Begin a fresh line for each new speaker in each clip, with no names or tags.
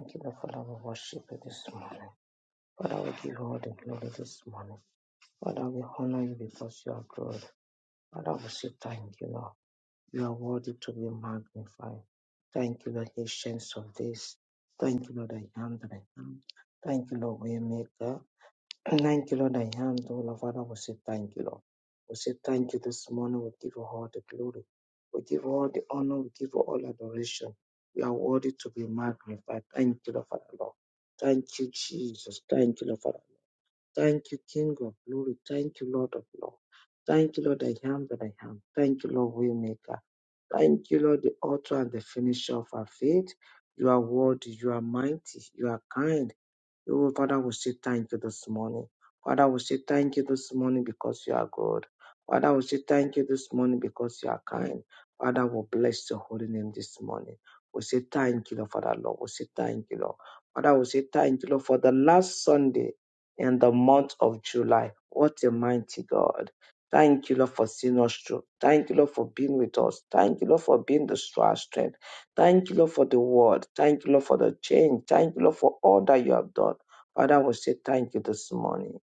Thank you, Lord, for our worship this morning. Father, we give you all the glory this morning. Father, we honor you because you are good. Father, we say thank you, Lord. You are worthy to be magnified. Thank you, Lord, patience of this. Thank you, Lord, I am that I am. Thank you, Lord, Waymaker. Thank you, Lord. I am the Lord. Father, we say thank you, Lord. We say thank you this morning. We give you all the glory. We give you all the honor. We give you all adoration. You are worthy to be magnified. Thank you, Lord, Father, Lord. Thank you, Jesus. Thank you, Lord, Father. Thank you, King of glory. Thank you, Lord of lords. Thank you, Lord, I am that I am. Thank you, Lord, Waymaker. Thank you, Lord, the author and the finisher of our faith. You are worthy, you are mighty, you are kind. Oh, Father, we say thank you this morning. Father, we say thank you this morning because you are good. Father, we say thank you this morning because you are kind. Father, we bless your holy name this morning. We say thank you, Lord, Father, Lord. We say thank you, Lord. Father, we say thank you, Lord, for the last Sunday in the month of July. What a mighty God. Thank you, Lord, for seeing us through. Thank you, Lord, for being with us. Thank you, Lord, for being the strong strength. Thank you, Lord, for the word. Thank you, Lord, for the change. Thank you, Lord, for all that you have done. Father, we say thank you this morning.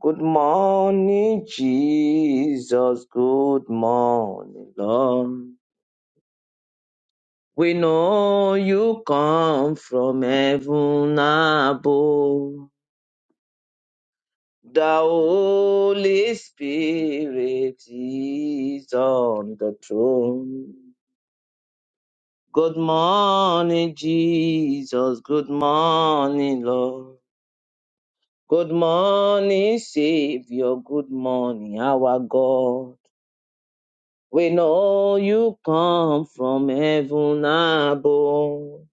Good morning, Jesus. Good morning, Lord. We know you come from heaven above. The Holy Spirit is on the throne. Good morning, Jesus. Good morning, Lord. Good morning, Savior. Good morning, our God. We know you come from heaven above.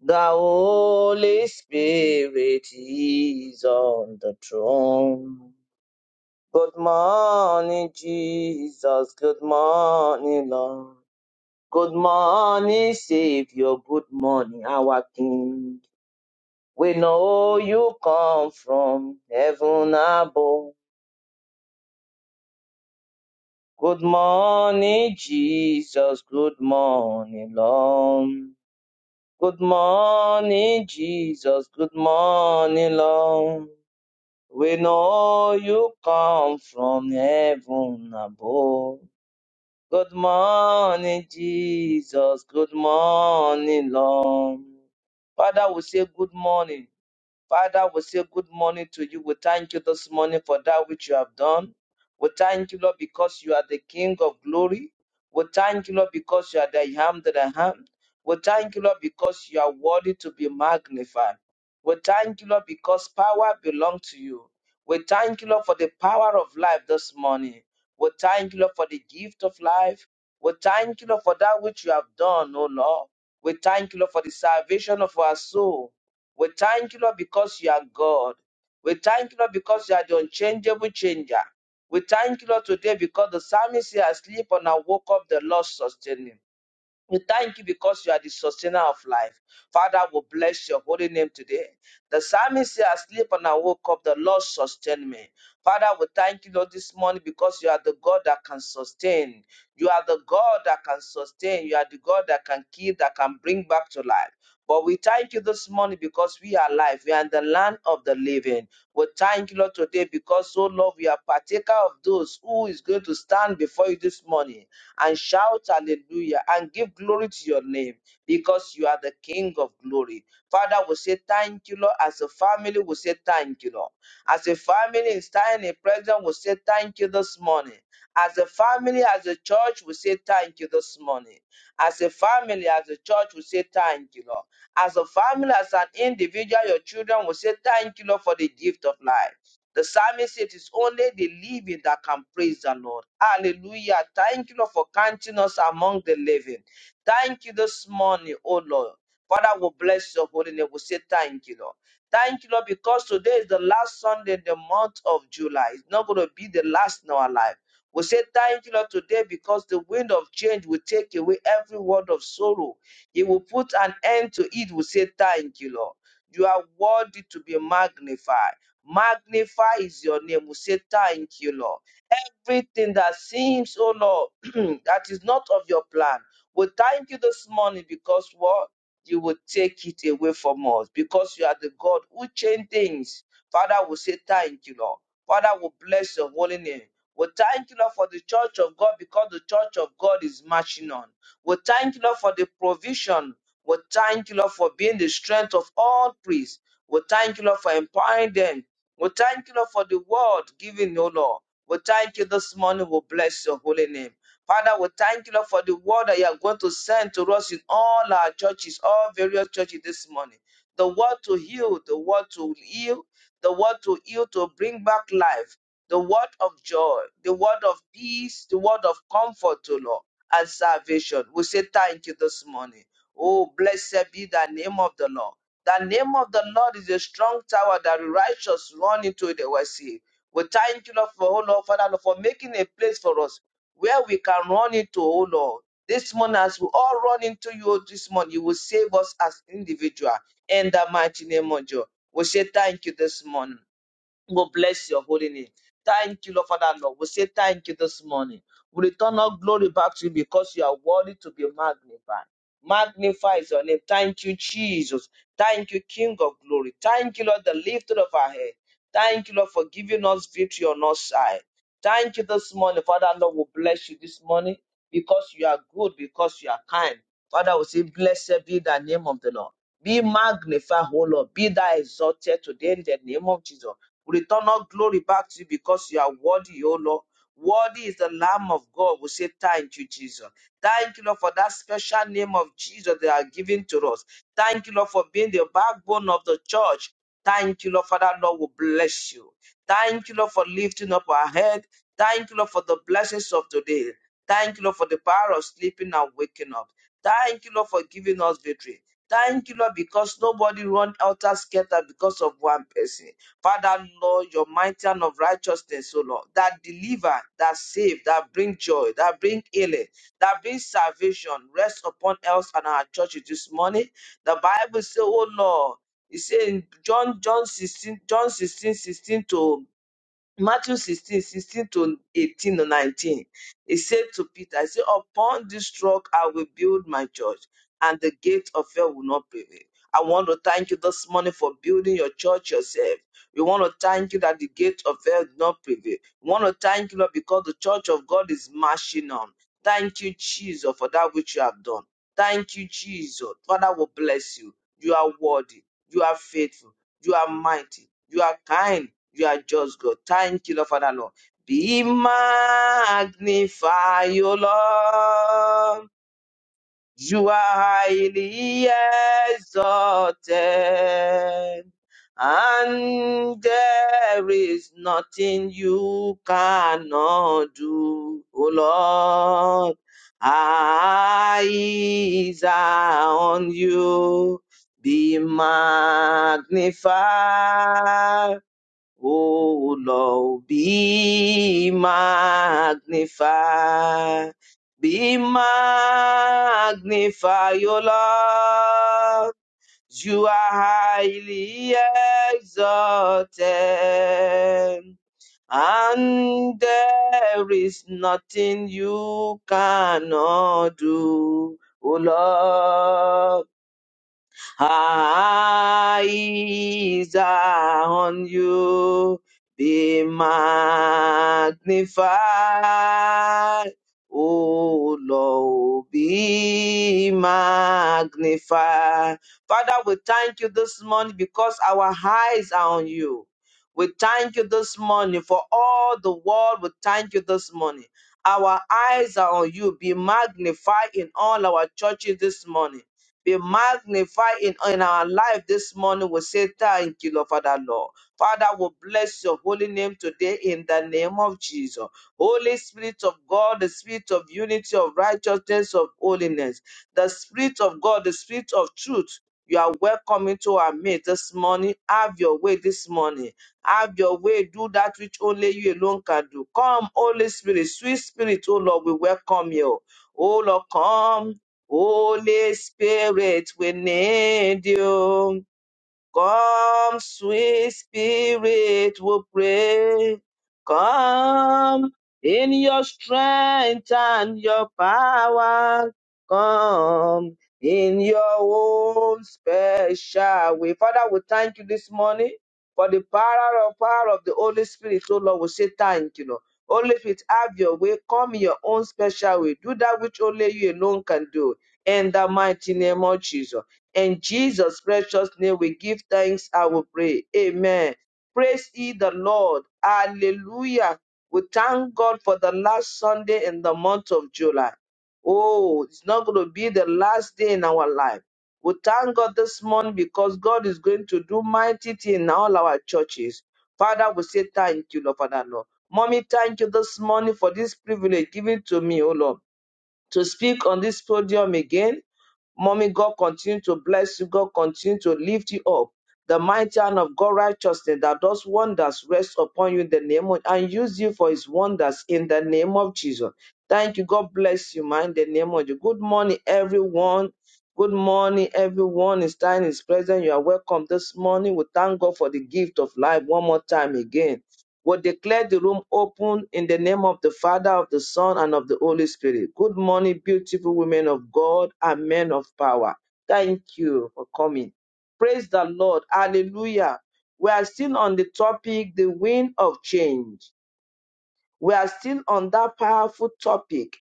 The Holy Spirit is on the throne. Good morning, Jesus. Good morning, Lord. Good morning, Savior. Good morning, our King. We know you come from heaven above. Good morning, Jesus. Good morning, Lord. Good morning, Jesus. Good morning, Lord. We know you come from heaven above. Good morning, Jesus. Good morning, Lord. Father, we say good morning. Father, we say good morning to you. We thank you this morning for that which you have done. We thank you, Lord, because you are the King of glory. We thank you, Lord, because you are the I am that I am. We thank you, Lord, because you are worthy to be magnified. We thank you, Lord, because power belongs to you. We thank you, Lord, for the power of life this morning. We thank you, Lord, for the gift of life. We thank you, Lord, for that which you have done, O Lord. We thank you, Lord, for the salvation of our soul. We thank you, Lord, because you are God. We thank you, Lord, because you are the unchangeable changer. We thank you, Lord, today because the psalmist here asleep and I woke up, the Lord sustained him. We thank you because you are the sustainer of life. Father, we bless your holy name today. The psalmist here asleep and I woke up, the Lord sustained me. Father, we thank you, Lord, this morning because you are the God that can sustain. You are the God that can sustain. You are the God that can keep, that can bring back to life. But we thank you this morning because we are alive. We are in the land of the living. We thank you, Lord, today because, oh Lord, we are partaker of those who is going to stand before you this morning and shout hallelujah and give glory to your name because you are the King of glory. Father, we say thank you, Lord. As a family, we say thank you, Lord. As a family in standing in presence, we say thank you this morning. As a family, as a church, we say thank you this morning. As a family, as a church, we say thank you, Lord. As a family, as an individual, your children will say thank you, Lord, for the gift of life. The psalmist said, It is only the living that can praise the Lord. Hallelujah. Thank you, Lord, for counting us among the living. Thank you this morning, O Lord. Father, we bless your holy name. We say thank you, Lord. Thank you, Lord, because today is the last Sunday in the month of July. It's not going to be the last in our life. We say thank you, Lord, today because the wind of change will take away every word of sorrow. It will put an end to it. We say thank you, Lord. You are worthy to be magnified. Magnify is your name. We say thank you, Lord. Everything that seems, oh Lord, that is not of your plan. We thank you this morning because what? you will take it away from us because you are the God who change things. Father, we say thank you, Lord. Father, we bless your holy name. We thank you, Lord, for the church of God because the church of God is marching on. We thank you, Lord, for the provision. We thank you, Lord, for being the strength of all priests. We thank you, Lord, for empowering them. We thank you, Lord, for the word given, O Lord. We thank you this morning. We bless your holy name. Father, we thank you, Lord, for the word that you are going to send to us in all our churches, all various churches this morning. The word to heal, the word to heal, the word to heal, to bring back life, the word of joy, the word of peace, the word of comfort, O Lord, and salvation. We say thank you this morning. Oh, blessed be the name of the Lord. The name of the Lord is a strong tower that the righteous run into it and were saved. We thank you, Lord, for oh Lord, Father, Lord, for making a place for us where we can run into, oh Lord. This morning, as we all run into you oh, this morning, you will save us as individual in the mighty name of Jesus. We say thank you this morning. We'll bless your holy name. Thank you, Lord Father, Lord. We say thank you this morning. We return all glory back to you because you are worthy to be magnified. Magnify is your name. Thank you, Jesus. Thank you, King of glory. Thank you, Lord, the lifter of our head. Thank you, Lord, for giving us victory on our side. Thank you this morning, Father, Lord. We bless you this morning because you are good, because you are kind. Father, we say, Blessed be the name of the Lord. Be magnified, O Lord. Be thou exalted today in the name of Jesus. Return all glory back to you because you are worthy, O Lord. Worthy is the Lamb of God. We say thank you, Jesus. Thank you, Lord, for that special name of Jesus that are given to us. Thank you, Lord, for being the backbone of the church. Thank you, Lord, for that, Lord, we bless you. Thank you, Lord, for lifting up our head. Thank you, Lord, for the blessings of today. Thank you, Lord, for the power of sleeping and waking up. Thank you, Lord, for giving us victory. Thank you, Lord, because nobody run out of scatter because of one person. Father, Lord, your mighty hand of righteousness, O Lord, that deliver, that save, that bring joy, that bring healing, that bring salvation, rest upon us and our churches this morning. The Bible says, O Lord, it says in John, John 16, John 16, 16 to Matthew 16, 16 to 18 or 19. He said to Peter, He said, Upon this rock I will build my church, and the gate of hell will not prevail. I want to thank you this morning for building your church yourself. We want to thank you that the gate of hell did not prevail. We want to thank you, Lord, because the church of God is marching on. Thank you, Jesus, for that which you have done. Thank you, Jesus. Father will bless you. You are worthy. You are faithful. You are mighty. You are kind. You are just God. Thank you, Lord Father, Lord. Be magnified, O Lord. You are highly exalted. And there is nothing you cannot do, O Lord. Eyes are on you. Be magnified. Oh Lord, be magnified, be magnified, O Lord. You are highly exalted, and there is nothing you cannot do, O Lord eyes are on you. Be magnified, O Lord, be magnified. Father, we thank you this morning because our eyes are on you. We thank you this morning for all the world. We thank you this morning. Our eyes are on you. Be magnified in all our churches this morning be magnified in, in our life this morning. We say thank you, Lord, Father, Lord. Father, we bless your holy name today in the name of Jesus. Holy Spirit of God, the Spirit of unity, of righteousness, of holiness, the Spirit of God, the Spirit of truth. You are welcome into our midst this morning. Have your way this morning. Have your way. Do that which only you alone can do. Come, Holy Spirit, sweet Spirit, oh Lord, we welcome you. Oh Lord, come Holy Spirit, we need you. Come, sweet spirit, we pray. Come in your strength and your power. Come in your own special way. Father, we thank you this morning for the power of power of the Holy Spirit. So Lord, we say thank you, Lord. Holy Spirit, have your way. Come in your own special way. Do that which only you alone can do. In the mighty name of Jesus. In Jesus' precious name, we give thanks and we pray. Amen. Praise ye the Lord. Hallelujah. We thank God for the last Sunday in the month of July. Oh, it's not going to be the last day in our life. We thank God this morning because God is going to do mighty things in all our churches. Father, we say thank you, Lord, Father, Lord. Mommy, thank you this morning for this privilege given to me, oh Lord to speak on this podium again. Mommy, God continue to bless you. God continue to lift you up. The mighty hand of God righteousness that does wonders rest upon you in the name of and use you for his wonders in the name of Jesus. Thank you. God bless you, man, in the name of you. Good morning, everyone. Good morning, everyone. It's time is present. You are welcome this morning. We thank God for the gift of life one more time again will declare the room open in the name of the Father, of the Son, and of the Holy Spirit. Good morning, beautiful women of God and men of power. Thank you for coming. Praise the Lord. Hallelujah. We are still on the topic, the wind of change. We are still on that powerful topic,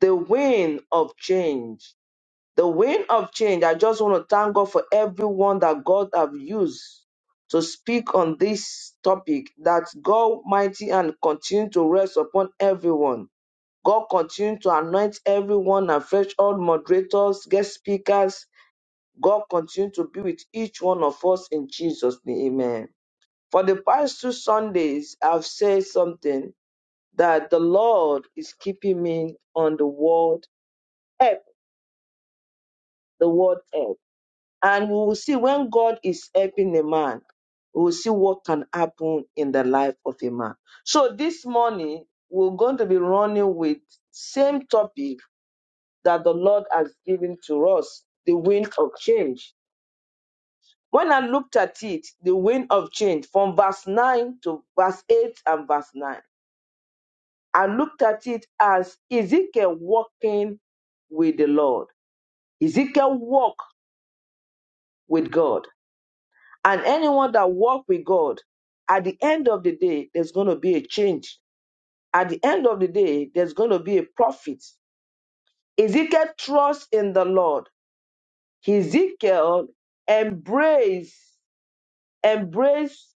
the wind of change the wind of change i just want to thank god for everyone that god have used to speak on this topic that god mighty and continue to rest upon everyone god continue to anoint everyone and fresh all moderators guest speakers god continue to be with each one of us in jesus name amen for the past two sundays i've said something that the lord is keeping me on the word help the word help And we will see when God is helping a man, we will see what can happen in the life of a man. So this morning, we're going to be running with same topic that the Lord has given to us, the wind of change. When I looked at it, the wind of change from verse 9 to verse 8 and verse 9, I looked at it as Ezekiel walking with the Lord. Ezekiel walked with God. And anyone that walk with God, at the end of the day, there's going to be a change. At the end of the day, there's going to be a profit. Ezekiel trusts in the Lord. Ezekiel embrace, embrace,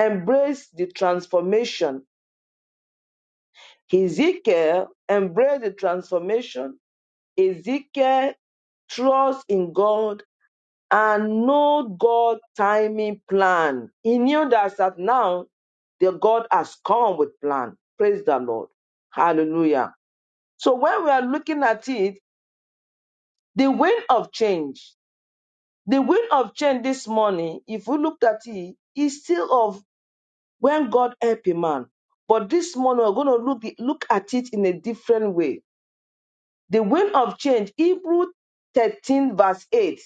embrace the transformation. Ezekiel embrace the transformation. Ezekiel trust in God and know God timing plan. He knew that that now the God has come with plan. Praise the Lord. Hallelujah. So when we are looking at it, the wind of change, the wind of change this morning, if we looked at it, is still of when God help a man. But this morning we're going to look look at it in a different way. The wind of change, Hebrew 13 verse 8.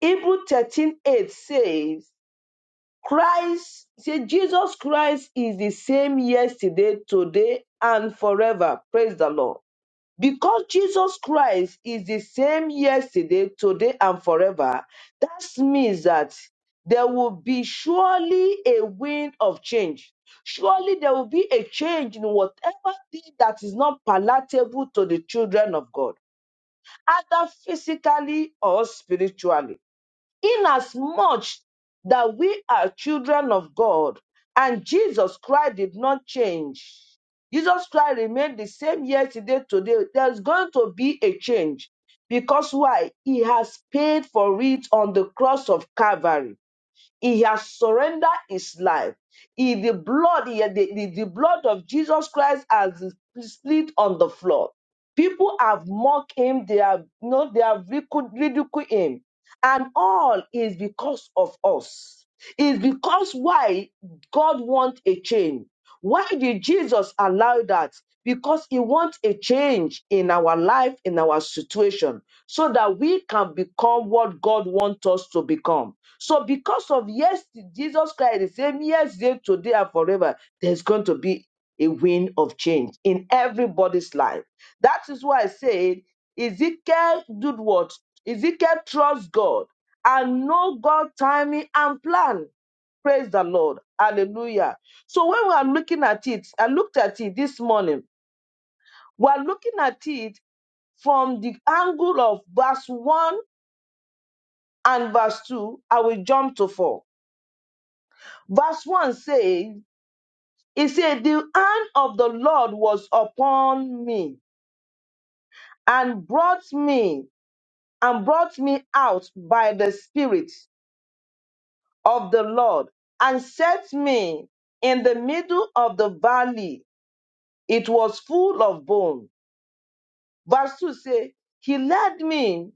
Hebrew 13 8 says, Christ, say Jesus Christ is the same yesterday, today, and forever. Praise the Lord. Because Jesus Christ is the same yesterday, today, and forever, that means that there will be surely a wind of change. Surely there will be a change in whatever thing that is not palatable to the children of God, either physically or spiritually inasmuch that we are children of God and Jesus Christ did not change. Jesus Christ remained the same yesterday, today. There's going to be a change because why? He has paid for it on the cross of Calvary. He has surrendered his life. He, the blood, he- the, the, the blood of Jesus Christ has split on the floor. People have mocked him, they have you know, they have ridicu- ridiculed him. And all is because of us. It's because why God wants a change. Why did Jesus allow that? Because he wants a change in our life, in our situation, so that we can become what God wants us to become. So, because of yes, Jesus Christ, the same yesterday, today, and forever, there's going to be a wind of change in everybody's life. That is why I said Ezekiel did what? Ezekiel trusts God and know God's timing and plan. Praise the Lord. Hallelujah. So when we are looking at it, I looked at it this morning. We are looking at it from the angle of verse 1 and verse 2. I will jump to 4. Verse 1 says, It said, The hand of the Lord was upon me and brought me and brought me out by the Spirit of the Lord and set me in the middle of the valley. It was full of bones Verse 2 says, He led me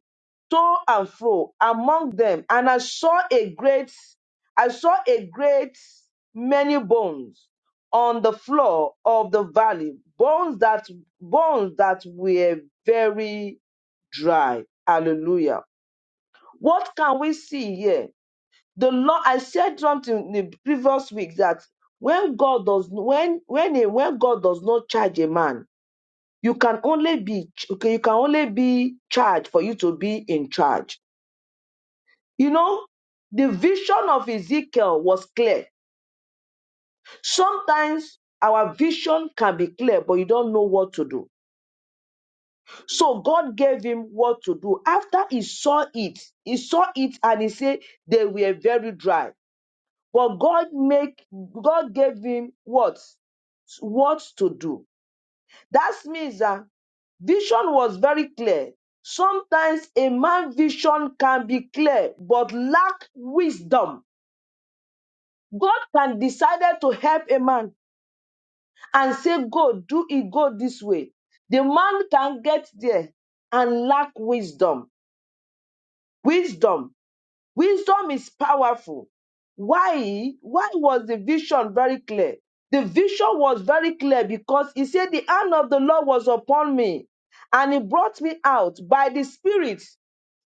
to and fro among them, and I saw a great, I saw a great many bones on the floor of the valley, bones that bones that were very dry. Hallelujah. What can we see here? The Lord, I said something in the previous week that when God does when when a, when God does not charge a man, you can only be okay, you can only be charged for you to be in charge you know the vision of ezekiel was clear sometimes our vision can be clear but you don't know what to do so god gave him what to do after he saw it he saw it and he said they were very dry but god make god gave him what what to do that means that Vision was very clear. Sometimes a man's vision can be clear but lack wisdom. God can decide to help a man and say, Go, do it, go this way. The man can get there and lack wisdom. Wisdom. Wisdom is powerful. Why? Why was the vision very clear? The vision was very clear because he said, The hand of the Lord was upon me and he brought me out by the Spirit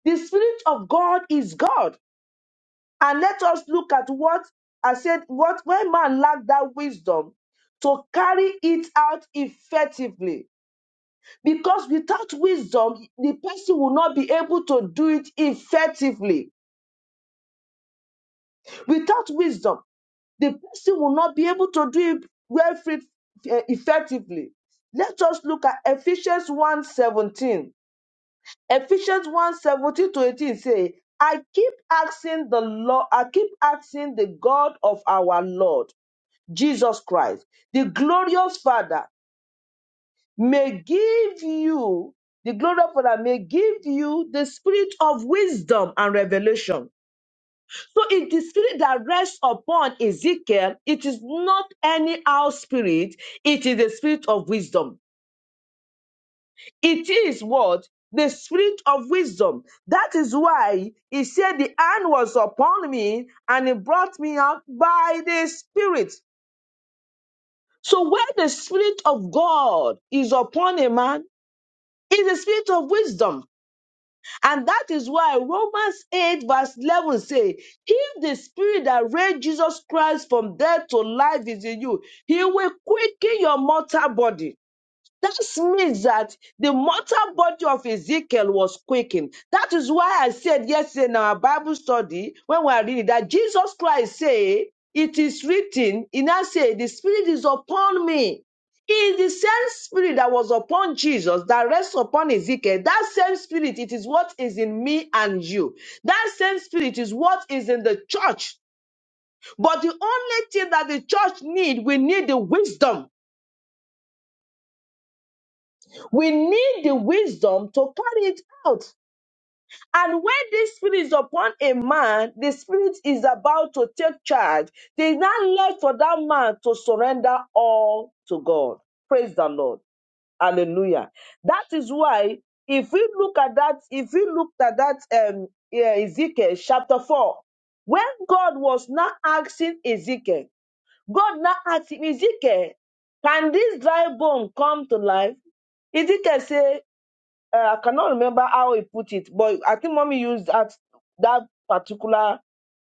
The Spirit of God is God. And let us look at what I said, what when man lacked that wisdom to carry it out effectively. Because without wisdom, the person will not be able to do it effectively. Without wisdom, the person will not be able to do it well fit- eh, effectively. Let us look at Ephesians one seventeen. Ephesians one seventeen to 18 say, I keep asking the Lord, I keep asking the God of our Lord Jesus Christ, the glorious Father, may give you, the glorious Father may give you the spirit of wisdom and revelation. So it is spirit that rests upon Ezekiel, it is not any out spirit, it is the spirit of wisdom. It is what? The spirit of wisdom. That is why he said, The hand was upon me and he brought me out by the spirit. So, where the spirit of God is upon a man, is the spirit of wisdom. And that is why Romans 8, verse 11 say, If the spirit that raised Jesus Christ from death to life is in you, he will quicken your mortal body. That means that the mortal body of Ezekiel was quaking. That is why I said yesterday in our Bible study, when we are reading, that Jesus Christ said, It is written, he now said, The Spirit is upon me. It is the same spirit that was upon Jesus that rests upon Ezekiel. That same spirit, it is what is in me and you. That same spirit is what is in the church. But the only thing that the church need, we need the wisdom We need the wisdom to carry it out. And when this spirit is upon a man, the spirit is about to take charge. There is not left for that man to surrender all to God. Praise the Lord. Hallelujah. That is why, if we look at that, if we looked at that um, yeah, Ezekiel chapter 4, when God was not asking Ezekiel, God not asking Ezekiel, can this dry bone come to life? Ezekiel said, uh, I cannot remember how he put it, but I think mommy used that that particular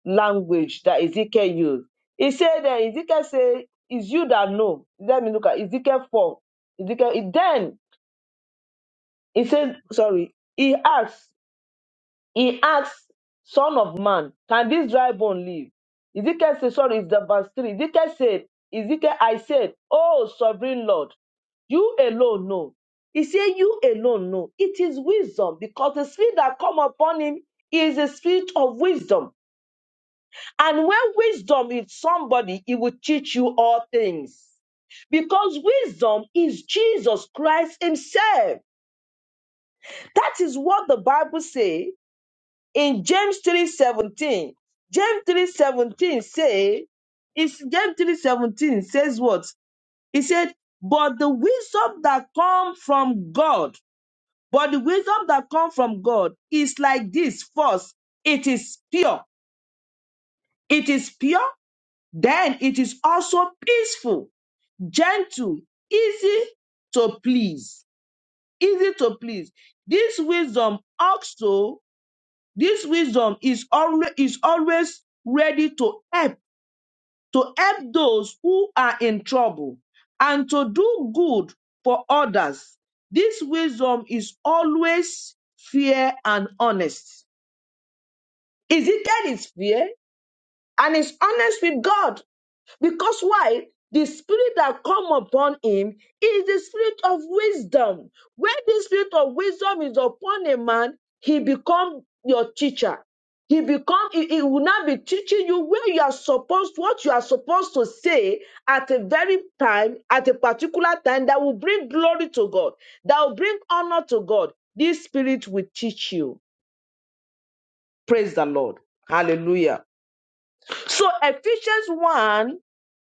language that Ezekiel used. He said that Ezekiel said, "It's you that know." Let me look at Ezekiel four. Ezekiel he- then he said, "Sorry." He asked, he asked, "Son of man, can this dry bone live?" Ezekiel said, "Sorry, it's the verse three. Ezekiel said, Ezekiel, I said, Oh sovereign Lord." You alone know. He said, You alone know. It is wisdom because the spirit that come upon him is a spirit of wisdom. And when wisdom is somebody, it will teach you all things. Because wisdom is Jesus Christ Himself. That is what the Bible say in James 3:17. James 3:17 say, it's James 3:17 says what? He said, but the wisdom that comes from God But the wisdom that comes from God is like this first, it is pure. It is pure, then it is also peaceful, gentle, easy to please. Easy to please. This wisdom also, this wisdom is always is always ready to help, to help those who are in trouble and to do good for others. This wisdom is always fair and honest Ezekiel is fair and is honest with God because why? The spirit that come upon him is the spirit of wisdom. When the spirit of wisdom is upon a man, he become your teacher. He become he, he will not be teaching you where you are supposed what you are supposed to say at a very time at a particular time that will bring glory to God that will bring honor to God. This spirit will teach you. Praise the Lord. Hallelujah. So Ephesians 1,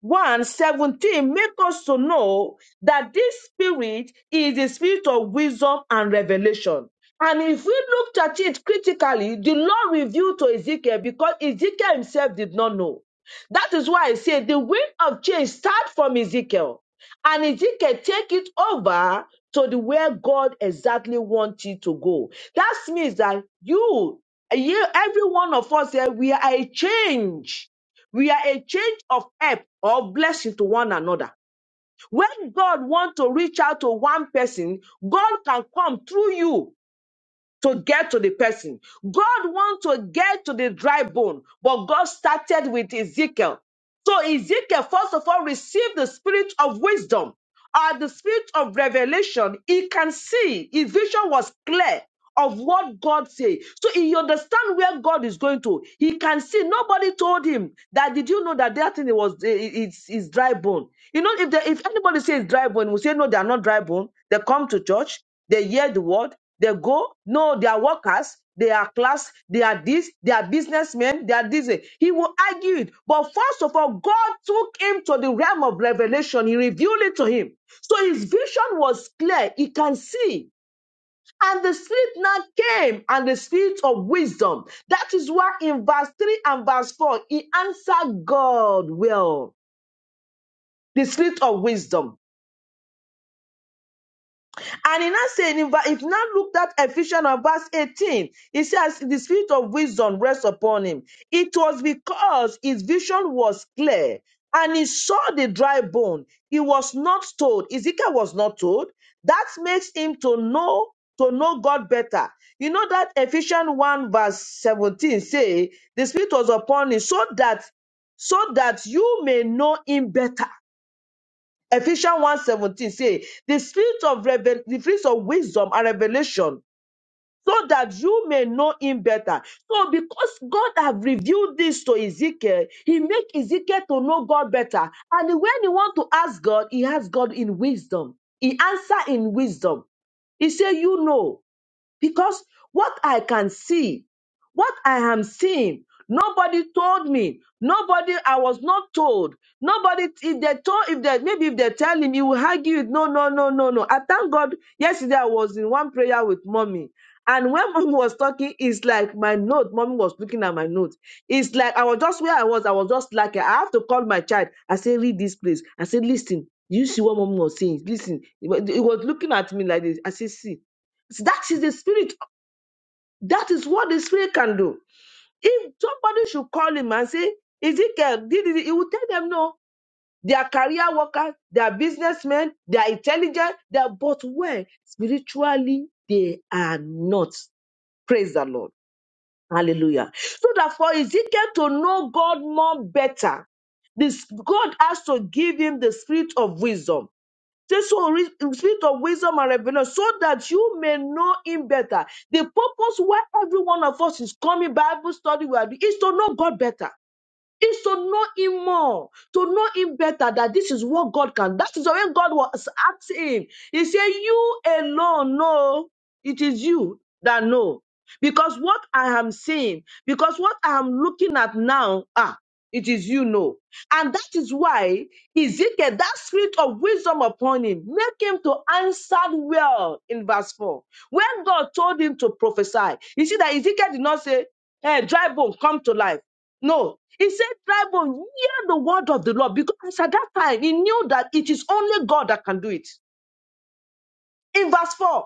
one seventeen 17 make us to know that this spirit is the spirit of wisdom and revelation. And if we looked at it critically, the Lord revealed to Ezekiel because Ezekiel himself did not know. That is why I say the wind of change starts from Ezekiel. And Ezekiel take it over to the where God exactly wants it to go. That means that you, you every one of us here, we are a change. We are a change of help or blessing to one another. When God wants to reach out to one person, God can come through you to get to the person. God wants to get to the dry bone, but God started with Ezekiel. So Ezekiel, first of all, received the spirit of wisdom or the spirit of revelation. He can see. His vision was clear of what God said. So he understand where God is going to. He can see. Nobody told him that. Did you know that that thing was eh, eh, it's, it's dry bone? You know, if they, if anybody says dry bone, we say no, they are not dry bone. They come to church. They hear the word. They go, no, they are workers, they are class, they are this, they are businessmen, they are this. He will argue it. But first of all, God took him to the realm of revelation. He revealed it to him. So his vision was clear. He can see. And the spirit now came and the spirit of wisdom. That is why in verse 3 and verse 4, he answered God well. The spirit of wisdom. And he now saying, in if now look at Ephesians of verse 18, it says the spirit of wisdom rests upon him. It was because his vision was clear and he saw the dry bone. He was not told. Ezekiel was not told. That makes him to know to know God better. You know that Ephesians 1 verse 17 say the spirit was upon him so that so that you may know him better Ephesians one seventeen say, the spirit of revel- the spirit of wisdom and revelation, so that you may know him better. So because God have revealed this to Ezekiel, he make Ezekiel to know God better. And when he want to ask God, he asks God in wisdom. He answer in wisdom. He say, you know because what I can see, what I am seeing, nobody told me. Nobody, I was not told. Nobody, if they told, if they maybe if they tell him, he will argue it. No, no, no, no, no. I thank God. Yesterday I was in one prayer with mommy. And when mommy was talking, it's like my note. Mommy was looking at my note. It's like I was just where I was. I was just like I have to call my child. I say, read this place. I say, listen. You see what mommy was saying? Listen. He wa- he was looking at me like this. I say, see. That is the spirit. That is what the spirit can do. If somebody should call him and say, Ezekiel, did it, he will tell them no. They are career workers, they are businessmen, they are intelligent, they are both well spiritually they are not. Praise the Lord. Hallelujah. So that for Ezekiel to know God more better, this God has to give him the spirit of wisdom Say so re- spirit of wisdom and revelation, so that you may know him better. The purpose why every one of us is coming Bible study we are doing is to know God better is to know him more, to know him better that this is what God can. That is when God was asking him. He said, You alone know, it is you that know. Because what I am seeing, because what I am looking at now, ah, it is you know. And that is why Ezekiel, that spirit of wisdom upon him, make him to answer well in verse 4. When God told him to prophesy, you see that Ezekiel did not say, Hey, dry bone, come to life. No. He said, dry bone, hear the word of the Lord. Because at that time, he knew that it is only God that can do it. In verse 4,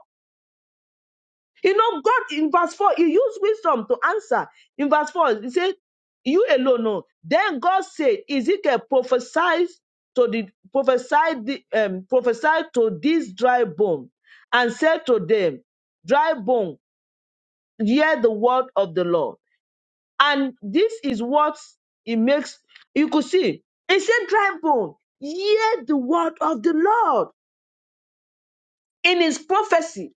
you know, God, in verse 4, he used wisdom to answer. In verse 4, he said, You alone know. Then God said, Ezekiel prophesied to the prophesied the, um, prophesied to this dry bone and said to them, Dry bone, hear the word of the Lord. And this is what it makes you could see. It said, Dry bone, hear the word of the Lord in his prophecy.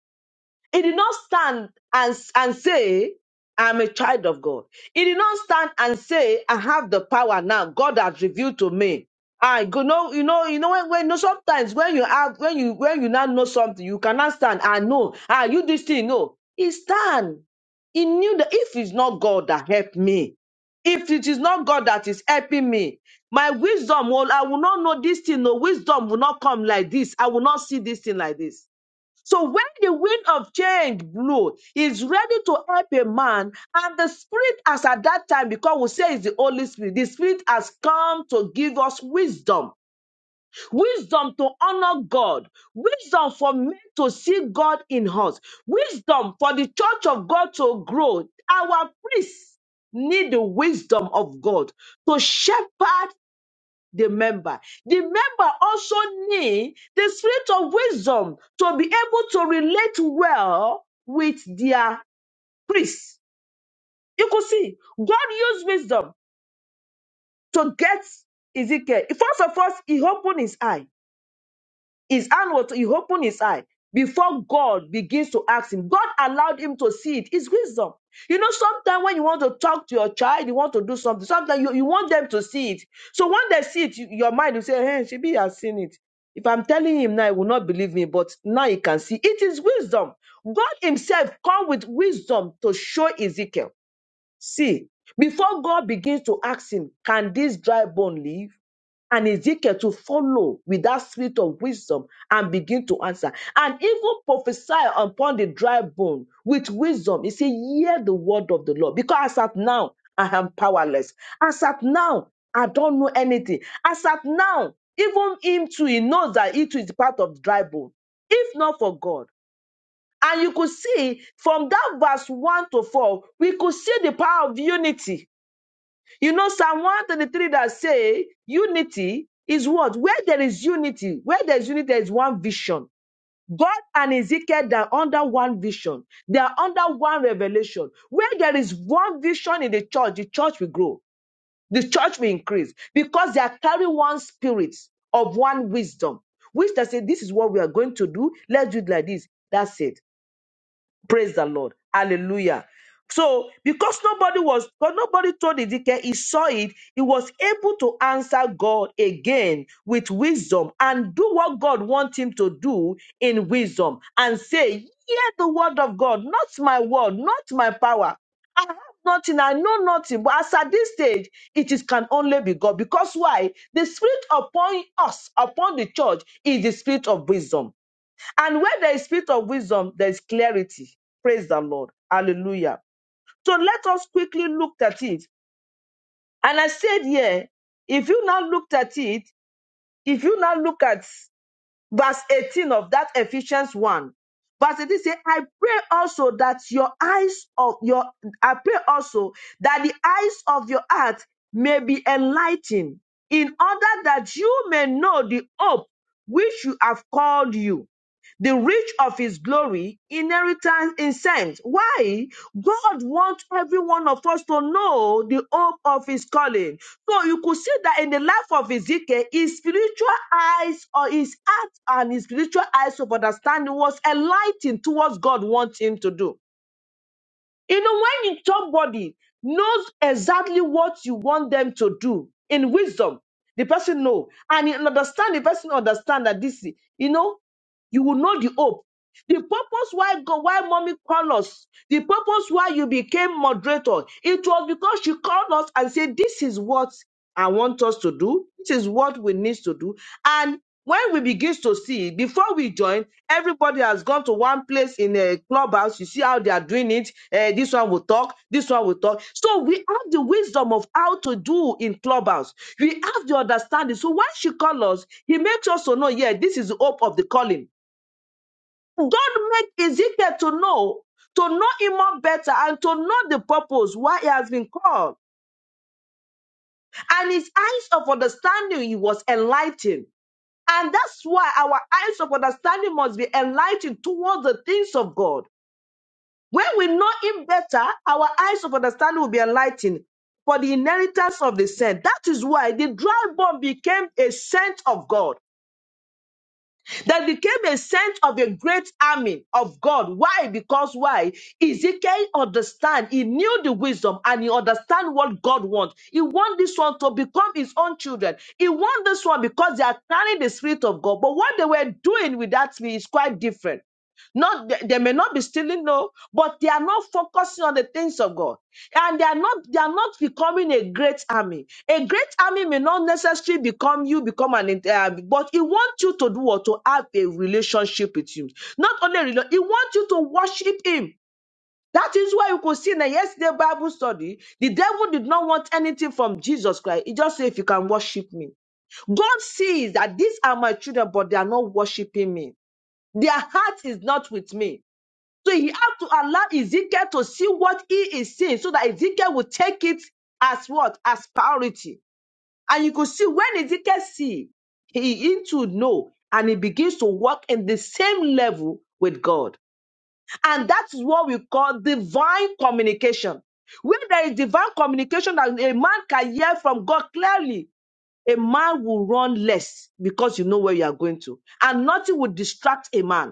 He did not stand and, and say, I'm a child of God. He did not stand and say, I have the power now. God has revealed to me. I go no, you know, you know when, when no, sometimes when you have when you when you now know something, you cannot stand. I know. Ah, you this thing. No, he stand. He knew that if it's not God that helped me, if it is not God that is helping me, my wisdom will I will not know this thing. No wisdom will not come like this. I will not see this thing like this so when the wind of change blow, it's ready to help a man, and the spirit as at that time, because we say it's the Holy Spirit, the spirit has come to give us wisdom, wisdom to honor God, wisdom for men to see God in us, wisdom for the church of God to grow. Our priests need the wisdom of God to shepherd the member. The member also need the spirit of wisdom to be able to relate well with their priest. You could see God used wisdom to get Ezekiel. First of all, he opened his eye His hand was, he opened his eye. Before God begins to ask him, God allowed him to see it. It's wisdom. You know, sometimes when you want to talk to your child, you want to do something, sometimes you, you want them to see it. So when they see it, you- your mind will say, Hey, she be has seen it. If I'm telling him now, he will not believe me, but now he can see. It is wisdom. God himself come with wisdom to show Ezekiel. See, before God begins to ask him, Can this dry bone live? and Ezekiel to follow with that spirit of wisdom and begin to answer. And even prophesy upon the dry bone with wisdom. He said, Hear the word of the Lord. Because as at now, I am powerless. As at now, I don't know anything. As at now, even him too, he knows that he too is part of dry bone. If not for God, and you could see from that verse 1 to 4, we could see the power of unity you know, Psalm 133 that say unity is what? Where there is unity, where there is unity, there is one vision. God and Ezekiel, they are under one vision. They are under one revelation. Where there is one vision in the church, the church will grow. The church will increase because they are carrying one spirit of one wisdom, which they say, this is what we are going to do. Let's do it like this. That's it. Praise the Lord. Hallelujah. So, because nobody was, but nobody told Ezekiel, he saw it, he was able to answer God again with wisdom and do what God wants him to do in wisdom and say, Hear the word of God, not my word, not my power. I have nothing, I know nothing. But as at this stage, it is can only be God. Because why? The spirit upon us, upon the church, is the spirit of wisdom. And where there is spirit of wisdom, there is clarity. Praise the Lord. Hallelujah. So let us quickly look at it. And I said here, if you now looked at it, if you now look at verse 18 of that Ephesians 1, verse 18 says, I pray also that your eyes of your I pray also that the eyes of your heart may be enlightened, in order that you may know the hope which you have called you the rich of his glory inheritance in saints. Why? God wants every one of us to know the hope of his calling. So you could see that in the life of Ezekiel, his spiritual eyes or his heart and his spiritual eyes of understanding was enlightened towards God wants him to do. You know, when you- somebody knows exactly what you want them to do in wisdom, the person know and you understand the person understand that this you know you will know the hope. The purpose why God, why mommy called us, the purpose why you became moderator, it was because she called us and said, This is what I want us to do. This is what we need to do. And when we begin to see, before we join, everybody has gone to one place in a clubhouse. You see how they are doing it. Eh, this one will talk. This one will talk. So we have the wisdom of how to do in clubhouse. We have the understanding. So when she calls us, he makes us to know, yeah, this is the hope of the calling. God made Ezekiel to know, to know him more better and to know the purpose why he has been called. And his eyes of understanding he was enlightened. And that's why our eyes of understanding must be enlightened towards the things of God. When we know him better, our eyes of understanding will be enlightened for the inheritance of the saint. That is why the dry bone became a saint of God. that became a saint of a great army of God. Why? Because why? Ezekiel understand. He knew the wisdom and he understand what God wants. He want this one to become his own children. He want this one because they are carrying the spirit of God. But what they were doing with that spirit is quite different. Not they, they may not be stealing, no, but they are not focusing on the things of God. And they are not they are not becoming a great army. A great army may not necessarily become you become an int- uh, but it wants you to do what to have a relationship with him. Not only rela- it wants you to worship him. That is why you could see in the yesterday Bible study, the devil did not want anything from Jesus Christ. He just said, if you can worship me. God sees that these are my children, but they are not worshiping me. Their heart is not with me. So he had to allow Ezekiel to see what he is seeing so that Ezekiel would take it as what? As priority. And you could see when Ezekiel see, he into know and he begins to walk in the same level with God. And that's what we call divine communication. When there is divine communication that a man can hear from God clearly, a man will run less because you know where you are going to. And nothing will distract a man.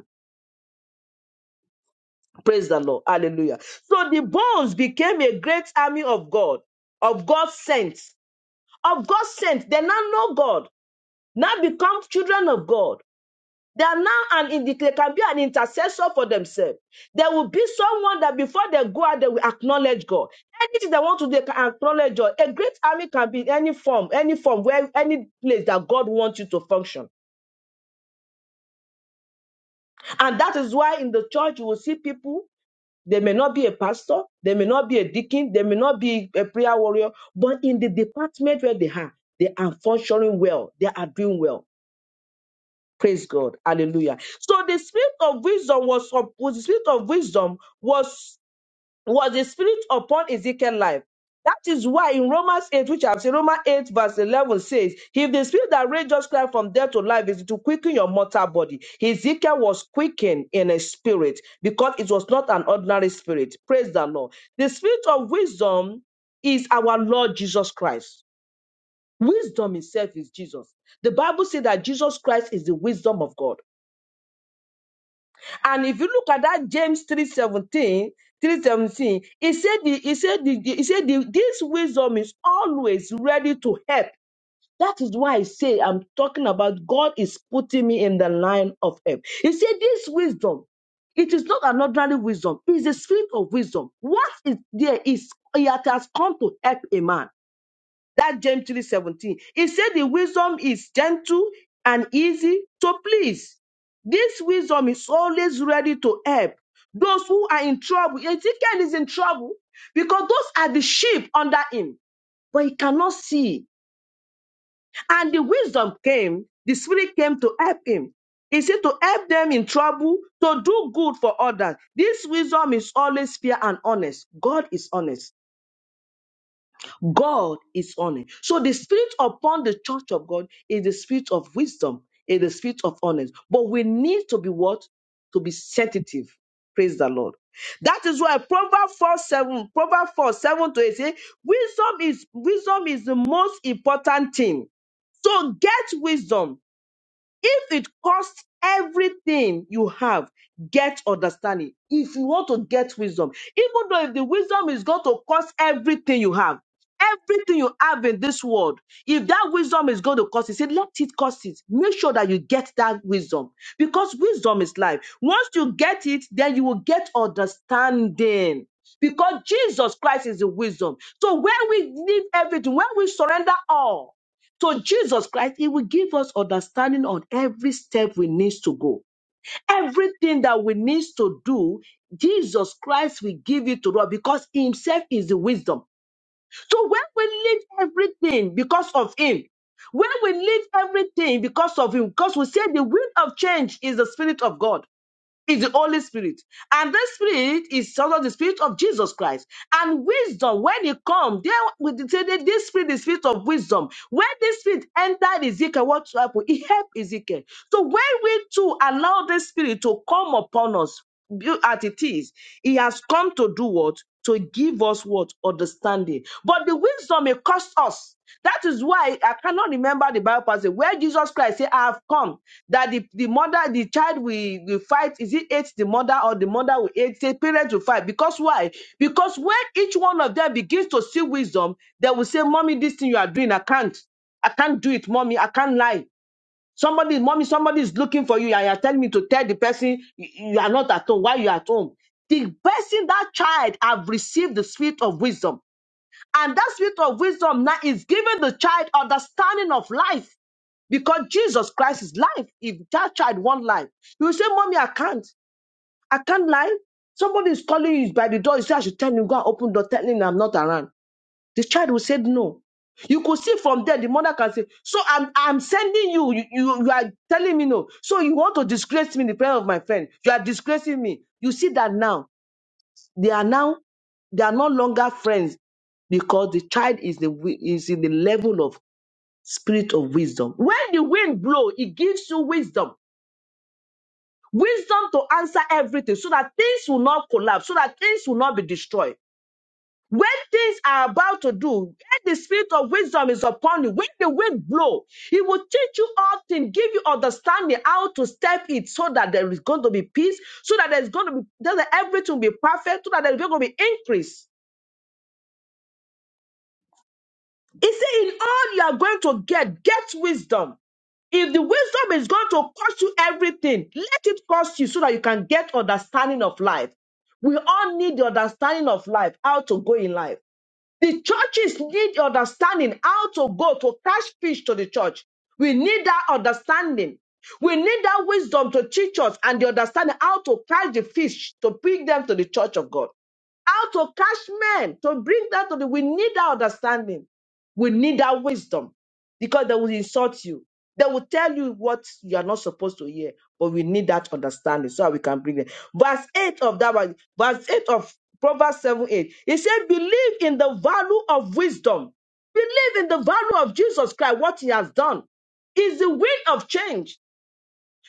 Praise the Lord. Hallelujah. So the bones became a great army of God, of God's saints, of God's saints. They now know God, now become children of God. They are now an indi- they can be an intercessor for themselves. There will be someone that before they go out, they will acknowledge God. Anything they want to, do, they can acknowledge God. A great army can be in any form, any form, where any place that God wants you to function. And that is why in the church you will see people They may not be a pastor, they may not be a deacon, they may not be a prayer warrior, but in the department where they are, they are functioning well, they are doing well. Praise God. Hallelujah. So the spirit of wisdom was up- the spirit of wisdom was was the spirit upon Ezekiel's life. That is why in Romans 8, which I've said, Romans 8, verse 11 says, If the spirit that raised Jesus Christ from death to life is to quicken your mortal body, Ezekiel was quickened in a spirit because it was not an ordinary spirit. Praise the Lord. The spirit of wisdom is our Lord Jesus Christ. Wisdom itself is Jesus. The Bible says that Jesus Christ is the wisdom of God. And if you look at that James three seventeen three seventeen, he said the, he said the- he said the, this wisdom is always ready to help. That is why I say I'm talking about God is putting me in the line of help. He said this wisdom, it is not an ordinary wisdom, it's the spirit of wisdom. What is there is it has come to help a man. That James 3:17. He said the wisdom is gentle and easy to please. This wisdom is always ready to help those who are in trouble. Ezekiel is in trouble because those are the sheep under him, but he cannot see. And the wisdom came, the spirit came to help him. He said to help them in trouble, to do good for others. This wisdom is always fair and honest. God is honest. God is on it. So the spirit upon the church of God is the spirit of wisdom, is the spirit of honesty. But we need to be what? To be sensitive. Praise the Lord. That is why Proverbs 4 7, Proverbs 4 7 to 8 say, wisdom is wisdom is the most important thing. So get wisdom if it costs everything you have, get understanding. If you want to get wisdom, even though if the wisdom is going to cost everything you have, everything you have in this world, if that wisdom is going to cost it, say, let it cost it. Make sure that you get that wisdom because wisdom is life. Once you get it, then you will get understanding. Because Jesus Christ is the wisdom. So when we leave everything, when we surrender all, so Jesus Christ, He will give us understanding on every step we need to go. Everything that we need to do, Jesus Christ will give it to us because He Himself is the wisdom. So when we leave everything because of Him, when we leave everything because of Him, because we say the wind of change is the Spirit of God is the Holy Spirit. And this spirit is sort of the spirit of Jesus Christ. And wisdom, when it comes, there with say that this spirit is spirit of wisdom. When this spirit entered Ezekiel, what happened? It helped Ezekiel. So when we too allow this spirit to come upon us, be- at it is. He has come to do what? To give us what? Understanding. But the wisdom it cost us. That is why I cannot remember the Bible passage where Jesus Christ said, I have come. That the, the mother, the child will, will fight. Is it hate the mother or the mother will hate the parents will fight? Because why? Because when each one of them begins to see wisdom, they will say, Mommy, this thing you are doing, I can't. I can't do it, mommy. I can't lie. Somebody, mommy, somebody is looking for you, and you're telling me to tell the person you you are not at home. Why you are at home? The person, that child, have received the spirit of wisdom, and that spirit of wisdom now is giving the child understanding of life because Jesus Christ is life. If that child want life, you will say, "Mommy, I can't. I can't lie." Somebody is calling you by the door. You say, "I should tell him go and open the door, Tell him I'm not around." The child will say no. You could see from there, the mother can say, So I'm I'm sending you. You, you. you are telling me no. So you want to disgrace me in the prayer of my friend. You are disgracing me. You see that now. They are now, they are no longer friends because the child is the wi- is in the level of spirit of wisdom. When the wind blow, it gives you wisdom. Wisdom to answer everything so that things will not collapse, so that things will not be destroyed. When things are about to do, when the spirit of wisdom is upon you, when the wind blow, he will teach you all things, give you understanding how to step it so that there is going to be peace, so that there's going to be so that everything will be perfect, so that there's going to be increase. He said, in all you are going to get, get wisdom. If the wisdom is going to cost you everything, let it cost you so that you can get understanding of life. We all need the understanding of life, how to go in life. The churches need understanding how to go to catch fish to the church. We need that understanding. We need that wisdom to teach us and the understanding how to catch the fish to bring them to the church of God. How to catch men, to bring that to the, we need that understanding. We need that wisdom because they will insult you. They will tell you what you are not supposed to hear, but we need that understanding so that we can bring it. Verse 8 of that one, verse 8 of Proverbs 7 8. It said, Believe in the value of wisdom. Believe in the value of Jesus Christ, what he has done is the will of change.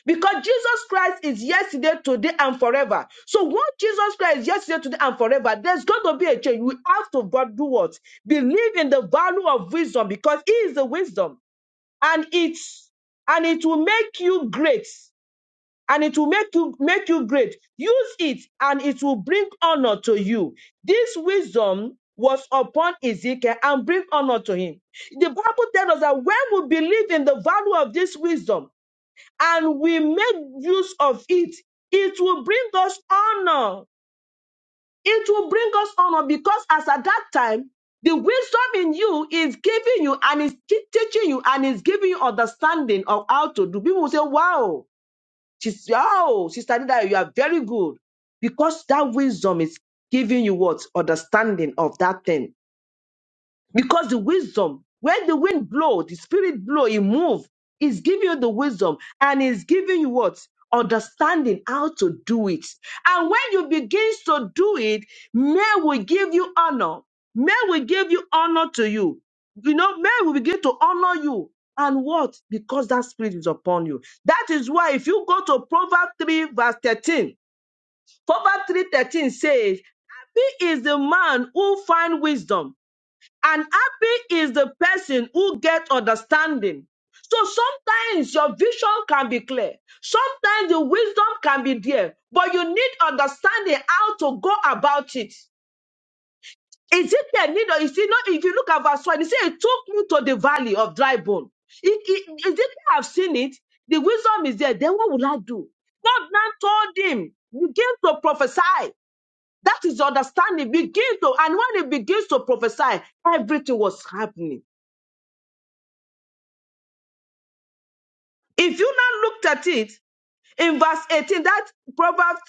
Because Jesus Christ is yesterday, today, and forever. So once Jesus Christ is yesterday, today, and forever, there's going to be a change. We have to but do what? Believe in the value of wisdom because he is the wisdom. And it's and it will make you great. And it will make you make you great. Use it and it will bring honor to you. This wisdom was upon Ezekiel and bring honor to him. The Bible tells us that when we believe in the value of this wisdom, and we make use of it, it will bring us honor. It will bring us honor because as at that time, the wisdom in you is giving you and is te- teaching you and is giving you understanding of how to do. People will say, wow, she's, wow, Sister Nida, you are very good. Because that wisdom is giving you what? Understanding of that thing because the wisdom, when the wind blow, the spirit blow, it move. It's giving you the wisdom and it's giving you what? Understanding how to do it. And when you begin to do it, may we give you honor. May we give you honor to you. You know, may we begin to honor you. And what? Because that spirit is upon you. That is why if you go to Proverbs 3 verse 13, Proverbs 3 13 says, Happy is the man who find wisdom and happy is the person who get understanding. So sometimes your vision can be clear. Sometimes the wisdom can be there, but you need understanding how to go about it. Ezekiel need, you see, not if you look at verse one, he said, "It took me to the valley of dry bone." It, it, Ezekiel have seen it. The wisdom is there. Then what will I do? God now told him, "Begin to prophesy." That is understanding. Begin to, and when he begins to prophesy, everything was happening. If you now looked at it in verse 18, that Proverbs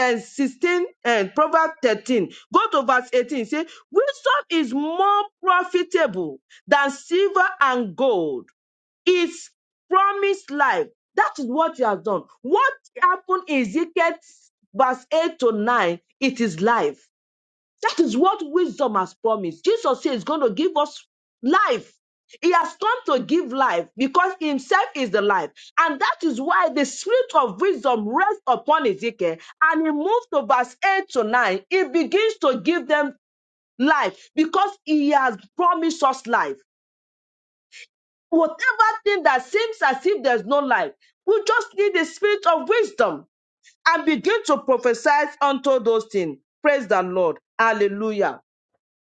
uh, 16 and Proverbs 13, go to verse 18, say, Wisdom is more profitable than silver and gold. It's promised life. That is what you have done. What happened in Ezekiel verse 8 to 9? It is life. That is what wisdom has promised. Jesus says he's going to give us life. He has come to give life because himself is the life. And that is why the spirit of wisdom rests upon Ezekiel. And he moved to verse 8 to 9. He begins to give them life because he has promised us life. Whatever thing that seems as if there's no life, we just need the spirit of wisdom and begin to prophesy unto those things. Praise the Lord. Hallelujah.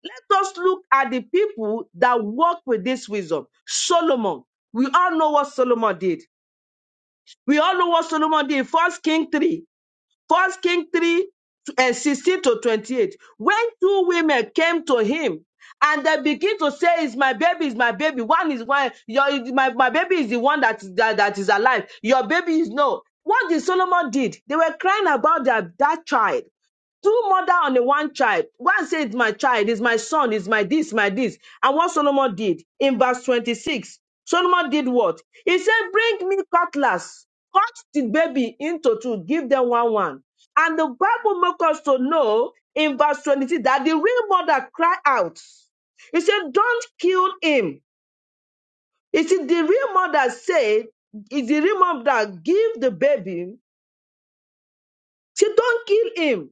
Let us look at the people that work with this wisdom. Solomon. We all know what Solomon did. We all know what Solomon did. First King 3. First King 3 and 16 to 28. When two women came to him and they begin to say, It's my baby, it's my baby. One is one, your my, my baby is the one that, that that is alive. Your baby is no. What did Solomon did? They were crying about their that child two mother on the one child. One said, my child, is my son, is my this, my this. And what Solomon did in verse 26, Solomon did what? He said, bring me cutlass, cut the baby into two, give them one one. And the Bible makes us to know in verse 26 that the real mother cried out. He said, don't kill him. He said, the real mother said, is the real mother give the baby. She don't kill him.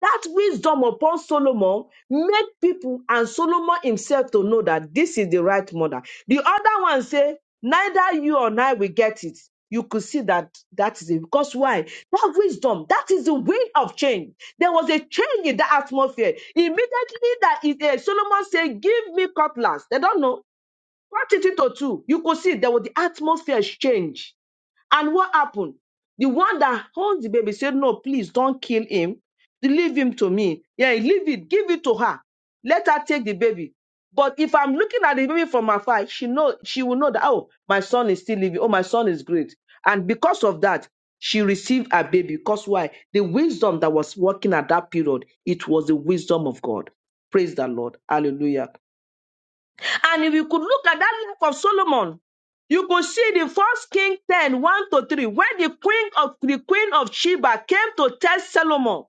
That wisdom upon Solomon made people and Solomon himself to know that this is the right mother. The other one say, neither you or I will get it. You could see that that is it. Because why? That wisdom, that is the will of change. There was a change in the atmosphere. Immediately that is it, eh, Solomon said, give me cutlass. They don't know. Cut it into two. You could see there was the atmosphere change and what happened? The one that holds the baby said, No, please don't kill him. Leave him to me. Yeah, leave it. Give it to her. Let her take the baby. But if I'm looking at the baby from afar, she know she will know that oh, my son is still living. Oh, my son is great. And because of that, she received her baby. Because why? The wisdom that was working at that period, it was the wisdom of God. Praise the Lord. Hallelujah. And if you could look at that book of Solomon, you could see the first King ten, one to 3, when the queen of the queen of Sheba came to test Solomon,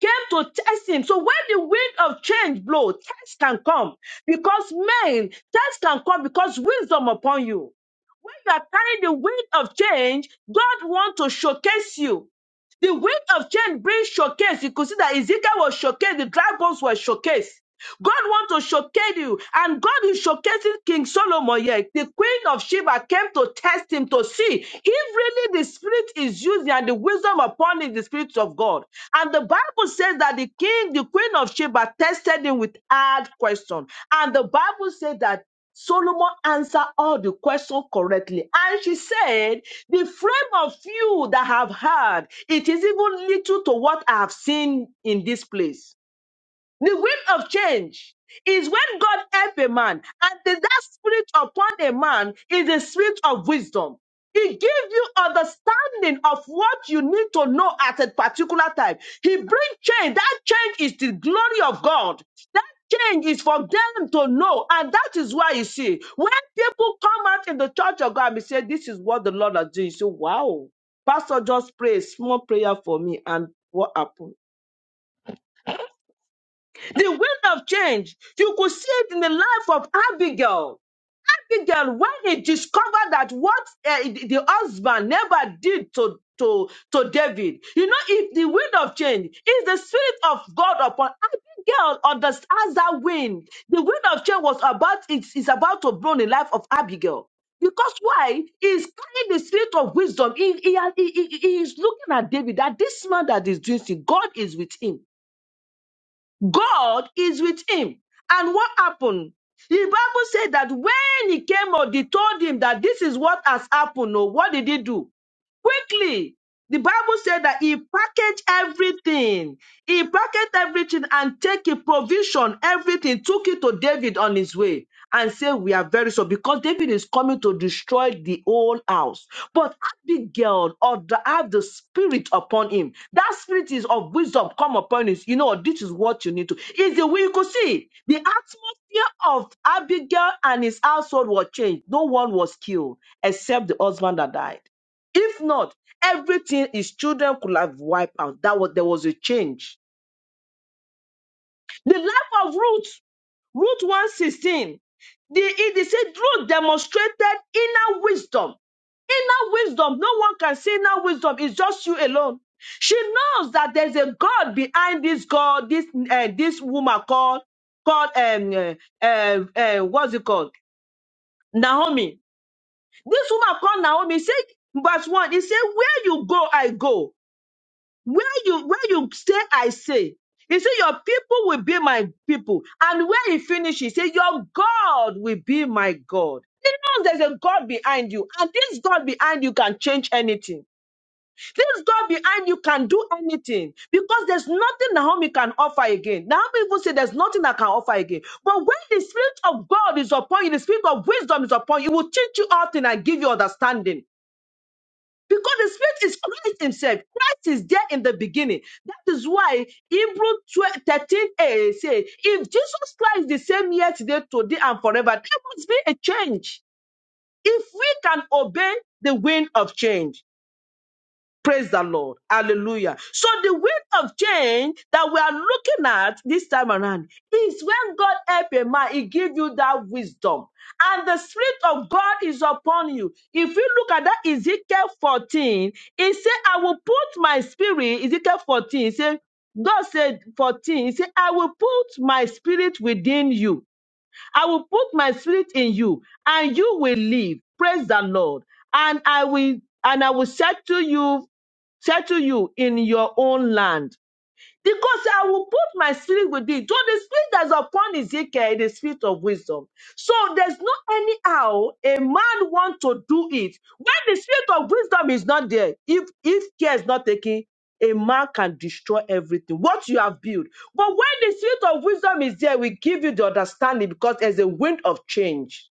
came to test him. So when the wind of change blows, test can come because men, test can come because wisdom upon you. When you are carrying the wind of change, God wants to showcase you. The wind of change brings showcase. You could see that Ezekiel was showcased, the dry bones were showcased. God wants to showcase you, and God is showcasing King Solomon here. The queen of Sheba came to test him to see if really the spirit is using and the wisdom upon it, the spirit of God. And the Bible says that the king, the queen of Sheba, tested him with hard question. And the Bible said that Solomon answered all the questions correctly. And she said, The frame of you that have heard, it is even little to what I have seen in this place. The wind of change is when God help a man, and the, that spirit upon a man is the spirit of wisdom. He gives you understanding of what you need to know at a particular time. He brings change. That change is the glory of God. That change is for them to know, and that is why you see when people come out in the church of God and say, "This is what the Lord has done," you say, "Wow, Pastor just pray a small prayer for me," and what happened? The wind of change. You could see it in the life of Abigail. Abigail, when he discovered that what uh, the the husband never did to to to David, you know, if the wind of change is the spirit of God upon Abigail, understands that wind. The wind of change was about it's, it's about to blow in the life of Abigail. Because why? He's carrying the spirit of wisdom. He, he, he, he- he is looking at David that this man that is doing sin, God is with him. God is with him. And what happened? The Bible said that when he came out, they told him that this is what has happened. Oh, what did he do? Quickly. The Bible said that he packaged everything. He packaged everything and take a provision, everything, took it to David on his way and said, we are very sorry because David is coming to destroy the whole house. But Abigail or the, have the spirit upon him. That spirit is of wisdom come upon him. You know, this is what you need to. Is the way you could see the atmosphere of Abigail and his household was changed. No one was killed except the husband that died. If not, Everything his children could have wiped out. That was there was a change. The life of Ruth, Ruth 116. The, it is said Ruth demonstrated inner wisdom. Inner wisdom. No one can see inner wisdom. It's just you alone. She knows that there's a God behind this God, this uh, this woman called called um uh, uh, uh, what's it called Naomi. This woman called Naomi said verse one. He said, "Where you go, I go. Where you where you say I say, he said, Your people will be my people. And where he finished, he said, Your God will be my God. He knows there's a God behind you, and this God behind you can change anything. This God behind you can do anything because there's nothing Naomi can offer again. Naomi even said there's nothing I can offer again. But when the Spirit of God is upon you, the Spirit of wisdom is upon you, it will teach you all things and give you understanding. Because the Spirit is Christ Himself. Christ is there in the beginning. That is why Hebrew 13 a say, if Jesus Christ is the same yesterday, today, and forever, there must be a change. If we can obey the wind of change. Praise the Lord. Hallelujah. So the wind of change that we are looking at this time around is when God help a man, he give you that wisdom. And the spirit of God is upon you. If you look at that Ezekiel 14, he said, I will put my spirit, Ezekiel 14, he said, God said 14, he said, I will put my spirit within you. I will put my spirit in you and you will live. Praise the Lord. And I will and I will settle you settle you in your own land. because I will put my spirit with thee. So the spirit that's upon Ezekiel is the spirit of wisdom. So there's no anyhow a man want to do it. When the spirit of wisdom is not there, if if care is not taken, a man can destroy everything, what you have built. But when the spirit of wisdom is there, we give you the understanding because there's a wind of change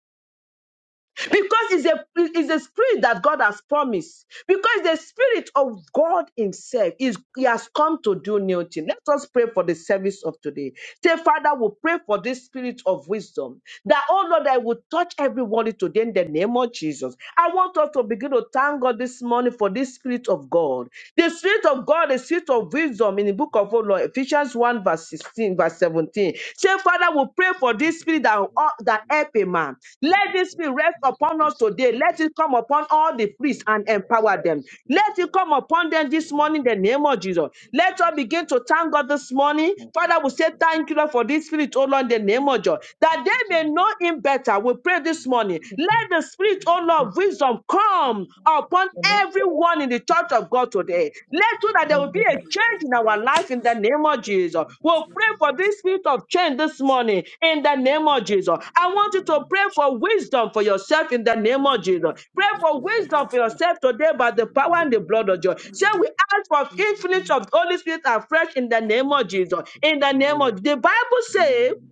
because it's a it's a spirit that God has promised. Because the spirit of God Himself is He has come to do new things. Let us pray for the service of today. Say, Father, we pray for this spirit of wisdom that oh Lord, I will touch everybody today in the name of Jesus. I want us to begin to thank God this morning for this spirit of God. The spirit of God, the spirit of wisdom in the book of oh Lord, Ephesians one. 1, verse 16, verse 17. Say, Father, we pray for this spirit that, uh, that help a man. Let this spirit rest upon us today. Let it come upon all the priests and empower them. Let it come upon them this morning in the name of Jesus. Let us begin to thank God this morning. Father, we say thank you, Lord, for this spirit, oh Lord, in the name of Jesus. That they may know him better. We pray this morning. Let the spirit, oh Lord, of wisdom come upon everyone in the church of God today. Let's do that there will be a change in our life in the name of Jesus. We'll pray for this spirit of change this morning in the name of Jesus. I want you to pray for wisdom for yourself in the name of Jesus. Pray for wisdom for yourself today by the power and the blood of Jesus. Say we ask
In
for
the name
infinite of the Holy Spirit afresh in the name of Jesus. In the name
Hallelujah.
of the Bible says
Amen.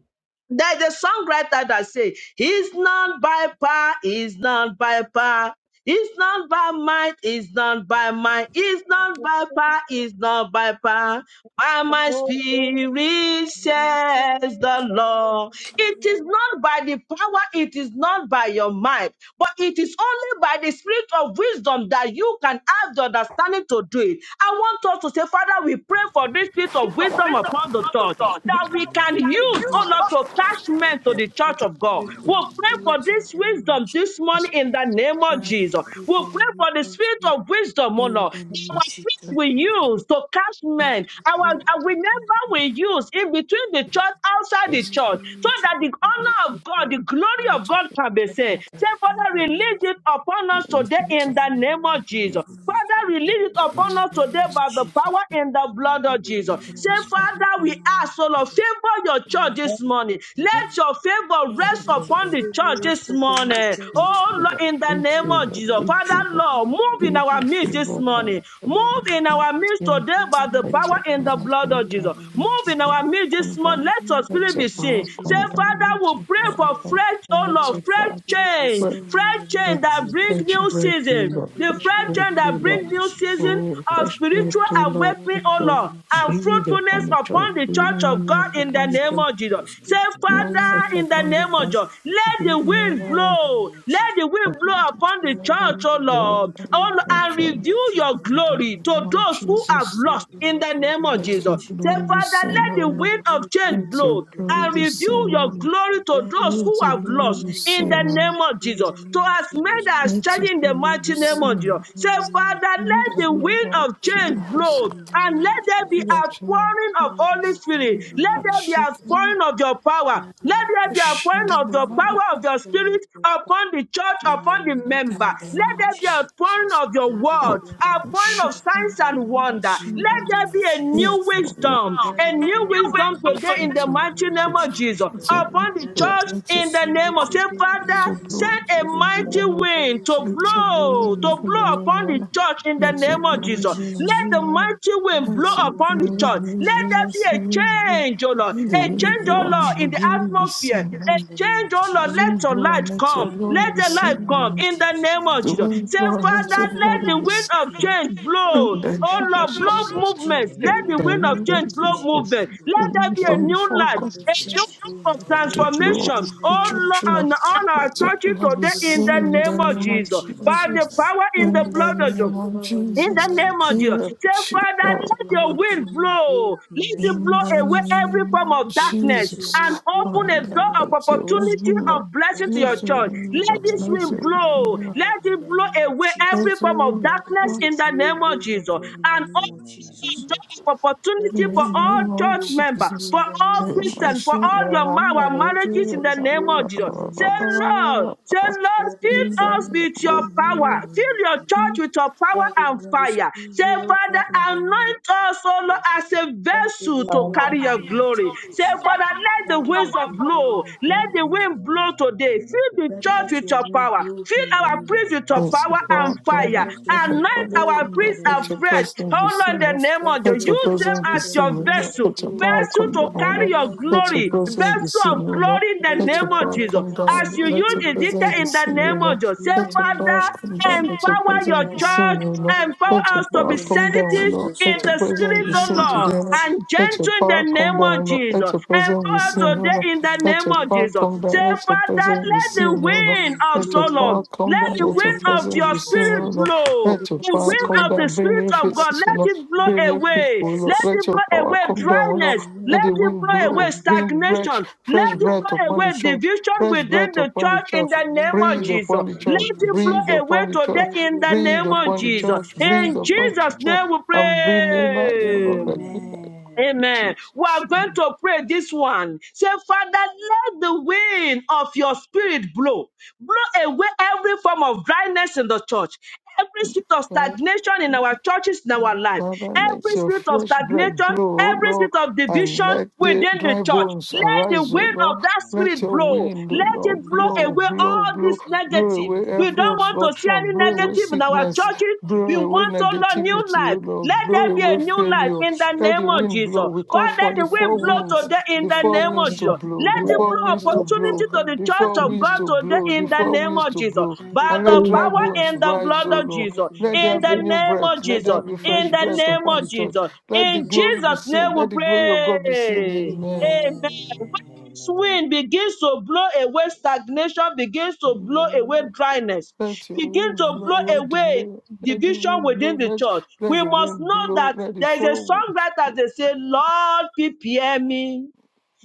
there's a songwriter that say, "He's not by power, he's not by power." It's not by might, it's not by might, it's not by power, it's not by power. By
The
my
Lord
spirit
Amen. Amen. Thank
says the Lord. It is not by the power, it is not by your might, but it is only by the spirit of wisdom that you can have the understanding to do it. I want us to say, Father, we pray for this spirit of wisdom upon the church that we can
of
use, oh
Jesus,
Lord, to attach men to the church of God.
pray for
We
your
pray for
spirit in
this
the
wisdom
name of
wisdom
Jesus.
this
That's
morning in the name of
Father,
you,
we
Jesus.
pray for
We
Jesus.
your
pray for the
wisdom
spirit
today
of wisdom, oh
in
Lord.
the
The
name
our
of
because
Jesus,
we
oh God.
use to catch
Daddy,
men.
we pray
Our,
in
talking
our
the
remember
name
we use in between the
of
church, outside the
is
in the
church,
name
so
of
that
Jesus,
the
Daddy, we
honor
pray
of
for
God,
your
the glory
wisdom
of
of God
the
can be seen.
water,
Say,
in
Father,
the name
release
of Jesus.
it upon us
which of each
today
anything
in
to
the
Daddy,
name of
use your
Jesus.
wisdom upon us
Father,
today
release it upon
in
us
the
today
name of
by the
Jesus.
power in the blood of
Daddy,
Jesus.
use your
Say,
wisdom
Father,
upon us today in
we
the name
ask, O Lord, favor your church
of
this
Jesus,
morning.
oh
Let
God.
your favor rest
Daddy, let your
upon the church
favor
this
rest upon the
morning.
church this
Oh,
morning
retrieval,
Lord, in the name
in
of
retrieval,
the
Jesus.
name of Jesus.
Father,
retrieval,
Lord,
oh God.
move in our midst
Thank
this
you,
retrieval
Lord,
of
morning.
the
in the name
Move
children.
in
of
I'm not
our
Jesus.
midst
saying
today
Lord,
by the
move
let
in
power
your
our
in the
midst
power
this
blood
come
of
morning
Jesus.
down,
in the name of
let
Move
your
in our
power
Jesus.
midst this
come down,
morning.
Lord,
Let your
move in
let
spirit
your
be
our midst
seen.
power
today
Say,
in
come
the
down,
name of
Father,
let
we
your
pray
Jesus,
power
for
Lord.
come
fresh, oh
down,
Lord,
let
Lord,
let
your
your
fresh
power.
spirit be
change,
But
sown in
fresh
the name
but
change
of
that bring
Jesus.
fresh
new
breath, O
season
Lord,
Lord,
the
Lord
fresh
fresh
God,
change
breath,
in
O
the
that
Lord,
name
bring
of
new
Jesus.
season
oh,
of
fresh breath,
Lord,
spiritual
O
Lord
Lord,
God,
awakening,
let
in
O
the
your
Lord,
name of
and
Jesus.
breathe
fruitfulness
upon the child,
upon
Lord,
the
breathe
Lord
church
your
God,
of
in
God
the
life
in
name
the
of
upon the
name
Jesus.
child.
of
And
Jesus.
to
Say,
speak
No Glory
Father,
fruitfulness
in
in
the
the
upon the
name
name
of
of
sun,
Jesus,
Jesus.
let
be
the
no
Lord, Lord
wind
God,
life
in
blow,
the name of
let
Jesus,
the wind
Lord.
upon
blow
the
upon the
Lord, let
church,
children,
O
your
Lord,
Lord,
wind
and
O
the
blow
Lord
upon
and
fortune
the
reveal
church in
your
the
of
name
the
of
glory to
Lord
those who have
Jesus.
Lord,
lost in
Lord
the
God,
name
in
of
the name
Let your
of Jesus.
Jesus. Say,
glory be
Father,
seen
let the
on
That
the
the
wind
wind
of
blow
change
let your
in
blow
the
glory
name
and
of
be
Jesus.
reveal
seen
Christ.
your
on
glory to
That the
those
Lord
who
let
God
your
have
glory
lost
be
wind
in the
seen
blow
on
name of
in
Jesus.
the
To
name of
as many
Jesus
that are
let
Christ.
your
standing in the
glory
mighty
be
That the
name of
Lord
Jesus.
seen
God in
Say,
the name of
Father,
in
let
the
Jesus
the
Christ.
name
wind
of
of
That the
change
Lord
Jesus.
God
blow
in the
and
name of
let there be
Jesus
Let
Christ.
can name
outpouring of
That the
Holy
Lord God
Spirit.
in the
Let
be
name of
there be
Jesus
seen.
outpouring
Christ.
of your power.
That the
Let
Lord
there be
God in-
In
outpouring
we
of
pray
the
for
the
that
power of your
outpouring
spirit
of God
upon the church,
in
upon the
our
member
in the
favor.
name
Let
name
of
of
there be a
Jesus.
Jesus.
pouring of your
That the Lord
Oh,
word,
God be
a
oh,
outpouring
pouring
shit.
of
I'm-
signs
power
and
I'm not
wonder.
sure
in
what
the
Let
I'm
there
name
be
of
a
Jesus.
doing.
new
Oh, yeah.
wisdom,
That
a
let
new
there be a
wisdom
movie
today in
storm
the
in the
mighty
name of
name of Jesus
Jesus
It's
Lord.
a-
upon the
That
it's a-
church
help us
it's
to
a-
in the
see you
name of say,
today in
it's
Father,
the
a
name
glory,
of
send a
Jesus.
mighty
hallelujah.
That
wind
is
to
send the
It's a
mighty
blow,
wind
to
glory,
to
blow
us
upon the
Lord,
hallelujah.
church in the
in
It's
the
a
name of
name of
glory,
Jesus.
Jesus
Let the
Lord.
hallelujah.
mighty
That
wind blow
It's a
Lord God
upon
in
the
the
glory,
church.
name of
Let
hallelujah.
there
Jesus
be
It's a
Lord.
wind
a change, oh Lord,
blow. The
a
That let
wind
change,
there
oh
be
blow
a
Lord,
and your
in the
change in the
glory be
name
atmosphere
seen.
a
in
Let
the name
change,
of
oh
The
Lord,
Jesus
let
wind
your
Lord.
blow
light
and let your
come.
That
glory
Let
Lord
be
the
God
light
in the name
come
seen.
of
in the
Jesus
name
Lord.
of
The
Jesus.
word
Say,
That
Lord
Father,
is
Lord
a
God
let
in
holy
the
the
name
wind
of
of
Jesus
disciple.
change
Lord. God.
blow.
In the name
That
of
Oh
let
Lord,
the
blow
wind of
Jesus.
change
movement. Let
blow
In
the
the
wind
in the
of
name of
name
change
of
blow
Jesus.
movement.
Jesus.
Let there
Even
be a
God,
from the
new
let the
four
light,
wind
corners
a
of
new
change blow in
of
our life.
to blow up
transformation.
In the
the
Oh
Amen.
name of
church
Lord, on
of
Jesus.
Thank you.
on our
the
churches
love
Daddy,
today
is
Lord
in
seen
the
God,
in
in
the
name
the
of
name
name of
of
Jesus. By
Jesus.
the
Jesus.
power in the
In
Daddy,
the
Lord
blood
God,
of
by
Jesus
name
the
of
power in
in
the
the
Jesus.
name of
name of
In
Jesus.
Jesus.
the
Say,
Je-
Father,
Daddy,
let
Lord
your
God,
uh,
let your
wind
wind blow
blow.
in the
Let it
name
in
of
blow
the
away
Jesus. Lord.
every
name
form
of
of
Daddy,
darkness
let your
Jesus.
and
wind blow
open
in
a
the
Father,
door
name
of
of
let your will
Jesus.
opportunity
Lord.
be done.
of blessing to
Daddy,
your
Let
Lord
your
God,
church.
let
will be
your
Let
done.
this
wind
Let
blow
wind
your
in
will
blow.
be done.
our life
Let
in
it
the name
blow
of
away
Jesus.
every
Let your
form
will
of
be
God,
darkness
let
done.
it
in the
blow
name of
away, Lord
Jesus.
God, in the
And
name of Jesus, Lord
Doors
God.
of
Daddy,
opportunity
In the
let
for
your
all
name
wind
of
church
blow
member,
Jesus,
for
in the name
all
of
let my
Christian,
Jesus.
for
shame
all
that
your
I'm
ma-
Daddy,
not
our
a
let your
marriages in
good
the
name
name
glow
of Jesus.
in the
Say,
name of Jesus.
Lord, say, Lord,
Daddy,
fill
In
let your
the
us
name
name
with your
glow
of
in the
power.
Jesus.
name of
Fill your
Jesus.
church with your power
Daddy,
and
we want to
fire.
see
Say,
you, Lord
Father,
God, in the name of
anoint us, O Lord,
Jesus.
as a
Daddy,
vessel
Lord
to
God, in
carry
the
your
name of
glory. Say,
Jesus. Lord.
Father, let the
Daddy,
winds
Lord,
of
we glow
blow.
in
Let
the
the
name of
wind blow
Jesus. Lord.
today. Fill the
Daddy,
church
let
with
your
your
wind
power.
glow in
Fill
the
our
name of
priests with with your
Let
Jesus.
power
your
Lord.
power
and
come
Daddy,
fire.
down.
let your
Let your
Anoint
wind
power
glow
our
come
in
down.
priests
the
Let
name
your
of
afresh.
Jesus.
presence be
Hold on
seen.
the
Lord.
name of
Daddy,
you.
Let
Lord
your
Use
God,
them
presence be
we
as
pray that
seen,
your
your
O
name shall
Lord.
vessel,
Let your
flow
power
vessel
come
to
down,
in our
carry
Lord.
your
life in
Let
the
your
glory,
name of
presence be
vessel
Jesus.
of
seen, O Lord.
glory in the
Daddy,
Let
name
your
Lord
of
power
God,
Jesus.
we
come
want
down.
to
As
see
you
your
Let
use
your
glory in the
presence
Ezekiel
be
in
church
the
seen, O
today
name of Jesus, say,
in the
Let your
name of
power come
Father,
Jesus.
down. Let your
empower your
presence be
Daddy,
church,
seen, O
empower us, Lord
empower
Let your
God,
us to
in
be
power
the name
come down,
of
sensitive
Lord.
Jesus,
in
Let
Lord.
your
the
presence
spirit
In
be
of
seen
the name
Lord
today,
of
Lord.
Jesus.
and
Let your
gentle in
power
the
come
name
down,
of
Lord. Let
Jesus.
your presence be
Daddy,
Empower
seen, O
today in the
in
let
name
the
your
of
name
power
of
Jesus.
come
Jesus.
Say,
down. Let your
Father,
presence be
let
Daddy,
the
seen,
Lord
O
God,
Lord.
wind
we
of
Let your
so
blow
power
Lord. Let
come down.
the
in the
Let your
wind
name of
of
presence
your
be seen,
Jesus,
O
Lord.
spirit
Lord.
Daddy,
blow.
we
Let your
want
The
to see
power
your
wind
come
of
glory
the
down. Bring
spirit
new
of God,
faces, O Lord.
let it
in
Bring
the
blow
new
name of
people,
away.
O Lord.
Let
Jesus.
it
Let your
blow
power
away
come down,
That
O
which
Lord.
you
dryness.
will
Let the
Let it
blow
wind
blow
in our
away
blow.
mighty
Bring
way,
fresh,
stagnation.
fresh
Let
in
it
the
breath
blow
name
upon
of
away
the
Jesus.
church.
division
Fresh
within
breath
the
upon
That
the
church in
church.
which
the
you will
name of
Breathe
blow
Jesus.
upon
in
the
the
Let
church.
name of
it
Breathe
Jesus.
blow away
upon the church.
That
today in
will
the
God
Breathe
name
in
of
the
upon the
name
Jesus.
of
church.
Thank you, Jesus, for the
Jesus.
Breathe
In
upon the
Jesus'
church.
name we
And bring new life, O Lord.
pray.
Let new life,
Amen.
Amen. We are
Jesus.
going to pray this one. Say, Father, let the wind of your spirit blow. Blow away every form of dryness in the church, every spirit of stagnation in our churches, in our life,
Father, let
every
your
spirit of
fresh breath
stagnation,
blow, O
every
Lord,
spirit of
That is
and
division
let the
within the
dry
church.
the
bones
name
Let the
arise, O
wind
Lord.
of that
Let
spirit
your
of God.
blow.
wind, O
Let the
Let it
Lord,
wind
blow
blow,
away
blow.
blow,
all this
blow,
That is
blow
our
negative.
away
God in
We
the
every
don't want
name of
to
Jesus.
see
obstruction,
any
blow away
negative in our
That is
sickness,
our
churches.
God
We
in
blow
the name
away
of
want,
Jesus.
oh Lord, new
negativity, O
life. Let
Lord,
That is our
blow
there
God
be a
away
in the
new life
failure.
name of
in the
Jesus.
Let the
name of
wind
Jesus.
blow. We call
That is
Father,
for
our
the
the
God
four
wind blow
winds,
today
in
in
the
the
the
four
name
name
of
winds
of
Jesus.
to
Jesus.
blow,
will
Let
the
it
like
four
Daddy,
the
blow
winds to
thoughts
moment.
let your
of
opportunity
blow,
my
to
wind
the
the
blow
four
church
in
of
the
winds
God
to
name of
blow,
today
the
in the
four
Jesus.
name
Amen.
winds
of
to
Jesus.
blow.
Daddy,
By
And
let
the
let
your
soul
dry
and the
power
bones
wind
and the
blow
rise,
in
O
blood of
our
Lord.
Jesus.
life in the
Let
In
there
name of
be
the
hope
new
name of
breath. Let
Jesus.
there
in
be
the
Amen. Amen. Hallelujah. Amen.
In
fresh
name
the
of
Hallelujah.
breath
name
upon
of
Jesus.
the church.
Lord.
Jesus.
Let the
In
Daddy, let
glory
your
be
Jesus'
wind.
name
seen.
we
Let the glory of God be seen.
pray.
Amen.
Amen
Hallelujah.
Amen.
this
Thank
wind begins to blow away stagnation, begins to blow away dryness,
Let your
begins
wind
to
blow
blow
Amen.
away
away
delay. Let the
division
wind
within
blow.
the
Let,
church.
let
We
the
must
wind
know
blow.
that
Let the
there is a
four winds.
songwriter, that they say, Lord, prepare me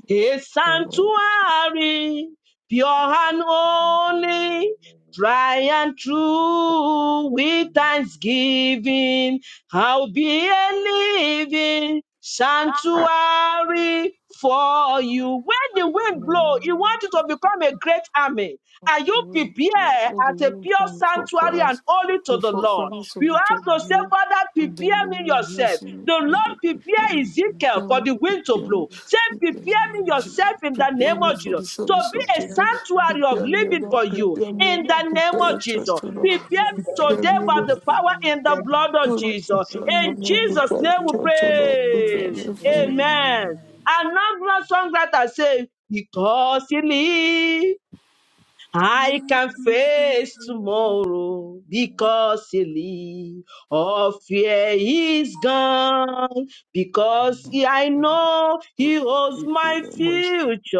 a sanctuary, pure and holy, dry and true, with thanksgiving, I'll be a living sanctuary for you. When the wind blow, you want you to become a great army. Are
the
you
room,
prepared
let the
as a
room
pure
from the four
sanctuary and
corners,
holy to
the
the
four
Lord?
corners of
You
the church
have to say,
below,
Father,
in the
prepare me
name of
yourself.
Jesus, in
The Lord
the prepare,
prepare
Okay, thank
Ezekiel
you.
prepare
for
me,
the wind to
prepare me,
blow.
Daddy,
Say,
in the name
prepare me
of
amen.
Jesus,
yourself in the
In
prepare
the
name
me
of
name of
for
Jesus
the
Jesus.
to
service of
be a
you,
today,
Daddy,
Jesus.
bring
sanctuary
us
of
up
prepare me,
to
O
living
you,
Lord,
for
Lord.
you
prepare me, O
in
Lord,
the name
prepare
This
of
your
is my
church,
Jesus.
O Lord,
area
Prepare
of
me
living for
prepare
you,
today
me, O
Lord
Amen.
by
Lord,
the
God, in the
power
name of
in the blood
O
of
Jesus.
Lord,
Jesus.
prepare
Daddy,
me, O
In
prepare
Lord,
me
prepare
Jesus'
Hallelujah.
your
name
today,
we
Lord
church, O
God, in
Lord,
the name of
prepare
pray.
me, O
Jesus.
Lord.
Amen.
Amen.
Amen.
Another songwriter say, because he lives. I can face
Amen.
Look at the testimony
tomorrow because he lives. All fear is gone because he- I know he holds my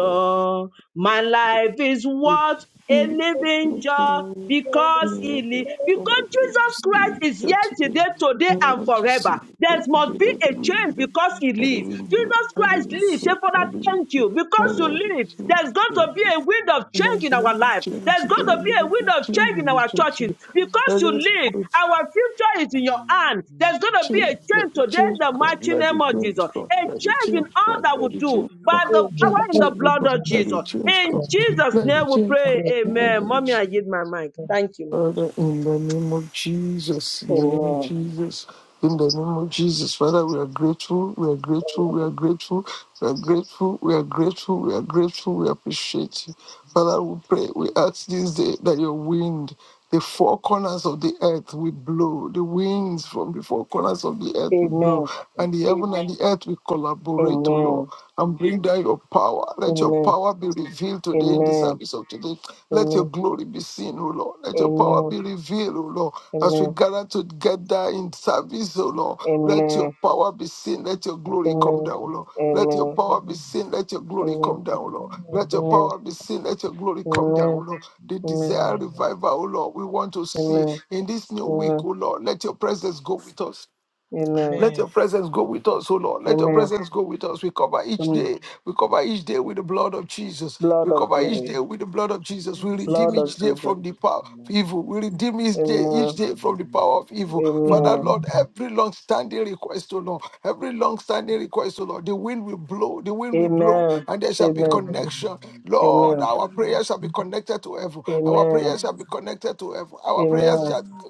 Amen.
My life is
He
worth a
was
living
going to
joy
know. He
because
never
he
thought
lives.
I
Because
wanted to
Jesus
see
Christ
in the
is
church today.
yesterday, today,
I
and
want to see
forever.
the
There
church
must
today.
be
Let
a
the wind
change
blow.
because he
Let the
lives.
wind blow.
Jesus
Let the
Christ
wind
lives. Say,
blow.
Father,
Let the wind
thank you.
blow.
Because
Let
you
the wind
live,
change
there's going
today.
to be a wind of
And I
change in our
didn't be
life.
changed
There's
today.
going
I
to be a
didn't
wind
be
of
changed
change in
in the
our
church
churches
today.
because
Let
you
us
lead.
go
Our future is in your hand. There's going to be a
change.
change
Let the
today in
change
the
come.
Amen.
mighty
Let
Amen.
name
the
of Jesus.
change come.
A
Let the
change in
change
all
come.
that we
Let the
do
change come.
by the
and the
Let
power
the
in the
change
blood
come.
of
Let the
Jesus.
change come.
In Jesus'
Let the
name we
change
pray.
light belong.
Amen. Mommy,
Amen.
come.
I give my mic. Thank you, ma.
Father, in the name of Jesus, in the name of
Amen.
Jesus, in the name of Jesus, Father, we are grateful, we are grateful, we are grateful, we are grateful, we are grateful, we are grateful, we appreciate you. Father, we pray, we ask this day that your wind, the four corners of the earth will blow, the winds from the four corners of the earth will
Amen.
blow, and the heaven and the earth will collaborate, O Lord
Amen.
and bring down your power.
Amen.
Let your
Amen.
power be revealed today in the
Amen.
service of today. Let your
Amen.
glory be seen, O Lord. Let your power
Amen.
be revealed, O Lord. As we
Amen. Amen.
gather together in service, O Lord, let
Amen.
your power be seen. Let your glory come down, O Lord. Let your power be seen. Let your glory come down, O Lord. Let your
Amen. Amen.
power be seen. Let your glory come down, O
Amen.
Lord. The
Amen.
desire
Amen.
revival, O Lord, we want to see
Amen.
in this new week,
Amen.
O Lord. Let your presence go with us.
Amen.
Let your presence go with us, O Lord. Let your
Amen.
presence go with us. We cover each
Mm.
day. We cover each day with the blood of Jesus.
Blood
We
of
cover
Amen. Amen.
each
Lord,
Jesus.
day with the blood of Jesus.
Thank
We
you,
redeem
Blood of
each
Jesus.
day
Jesus.
from the power of evil. We redeem each day, each
Amen.
day from the power of evil.
we
Father,
Amen.
Lord, every long-standing request, O Lord, every long-standing request, O Lord, the wind will blow, the wind will blow,
Amen.
and there shall be
Amen.
connection. Lord,
Amen.
our
Hallelujah.
prayers shall be connected to heaven. Our
Amen.
prayers shall
Amen.
be connected to heaven. Our prayers
Amen.
shall
Amen.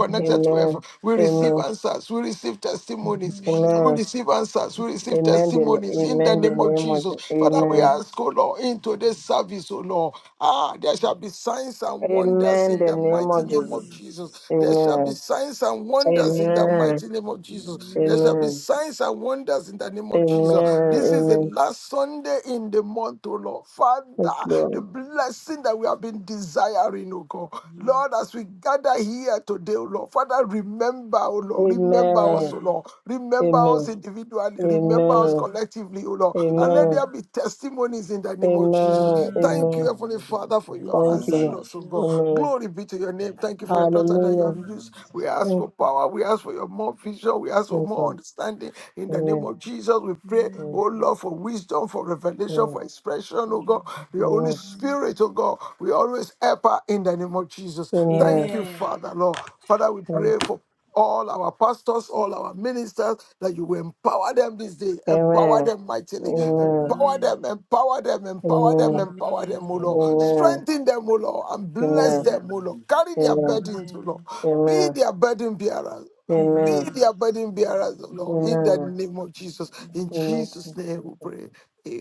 be
you.
connected to heaven. We receive
Amen.
answers. We receive testimonies.
Amen.
We
Amen.
receive answers. We receive
Amen. The,
testimonies in the
amen. The
name of
name of
Jesus.
Je-
Father, we
Amen.
ask, oh Lord, into this service, oh Lord. Ah, there shall be signs and wonders
Amen.
in
The
the
name
mighty
of
name
Jesus.
of Jesus. There shall be
Amen.
signs and wonders in the
Amen.
mighty name of Jesus. There shall be
Amen.
signs and wonders in the name of Jesus.
Amen.
This is the
Amen.
last Sunday in the month, oh Lord.
Yes,
Father, the
Lord.
blessing that we have been desiring, oh morning, oh God. Lord, as we gather here today, oh Lord, Father, remember, oh Lord, remember us,
Amen.
oh Lord, remember us
Amen.
individually, remember us
Amen.
collectively, oh Lord, and let
Amen.
there be testimonies in the name of Jesus.
Amen.
Thank you,
Amen.
Heavenly Father, for you have
Thank
answered
you.
us, oh God.
Amen.
Glory be to your name.
Thank you,
Thank you for your
Jesus.
daughter that you
Hallelujah.
have used.
Amen.
We ask
Thank
for power, we ask for your more vision, we ask for
you.
more
God.
understanding in the name
Amen.
of Jesus. We pray,
Amen.
oh Lord, for wisdom, for revelation,
Amen.
for expression, oh God. Your Holy Spirit, oh God, we always help her in the name of Jesus. Thank
Amen.
you, Father, Lord. Father, we
Amen. Amen.
pray for all our pastors, all our ministers, that you will empower them this day, empower them mightily, empower
Amen.
them, empower them, empower them,
Amen.
Amen.
Amen.
empower them, O Lord.
Hallelujah.
Amen.
Strengthen them, O Lord,
Hallelujah.
and bless
Amen.
them,
Amen.
O Lord. Carry their
Amen. Amen. Amen. Amen.
burdens, O Lord.
Amen.
Be their burden bearers. Be
Amen.
Amen.
their burden bearers, O Lord,
Thank
in
Amen.
you,
the
Jesus.
name of Jesus. In
Amen.
Amen.
Jesus'
Amen.
name we pray.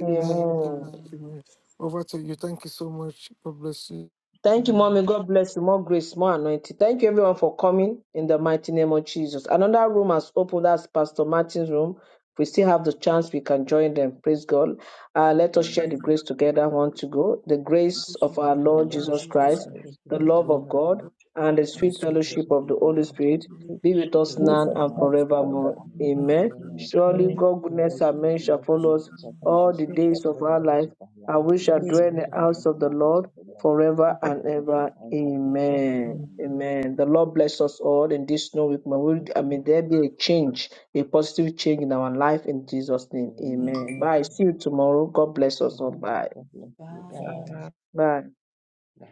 Amen. Amen. Amen. Amen.
Amen.
Amen.
Amen. Over to you. Thank you so much. God bless you.
Thank you,
We
Mommy.
believe
God bless you. More grace, more anointing. Thank you, everyone, for coming in the mighty name of Jesus. Another room has opened. That's Pastor Martin's room. If we still have the chance, we can join them. Praise God. Uh, let us share the
Hallelujah.
Amen.
grace together. I want to go. The
The
grace
grace of
of our
the
Blessed are
Lord
Lord
you
Jesus
in
Jesus
that
Christ,
Christ,
Jesus
the
you
the
Christ, the
love
Lord
love
of
of
of
God,
God,
God,
and the
and
and the
the
sweet
sweet
sweet fellowship
fellowship
fellowship
of
of
of
the
the
the
Holy
Holy
Spirit
Spirit,
Holy Spirit
be with
be
be
us
with
with
both
us
us
now
of
and
now
now
us
and
and
forevermore.
forevermore.
forevermore.
now
Amen.
Amen.
Amen.
in
Surely
the
God
God, goodness,
Surely
and
bless
the
mercy
and
shall
goodness and
follow
worship
us
mercy shall
Him.
follow
all
us
the
God is
Bishop.
days of
all the
our
days
life,
of our
and
life,
we shall
the
Today
and
bishop
dwell in
we
the
shall be
and
in
house
the
the
of the Lord
house of the Lord
forever and
forever
ever.
and
Lord.
ever.
to
Amen.
Amen.
Amen.
Amen.
The Lord bless us all in this new week. May, we,
the
I mean, there be a change, a positive change in our life in Jesus' name. Amen.
Amen.
Bye.
Amen.
See you tomorrow. God bless us all.
Amen.
Bye.
God bless
Bye.
you
Bye.
guys.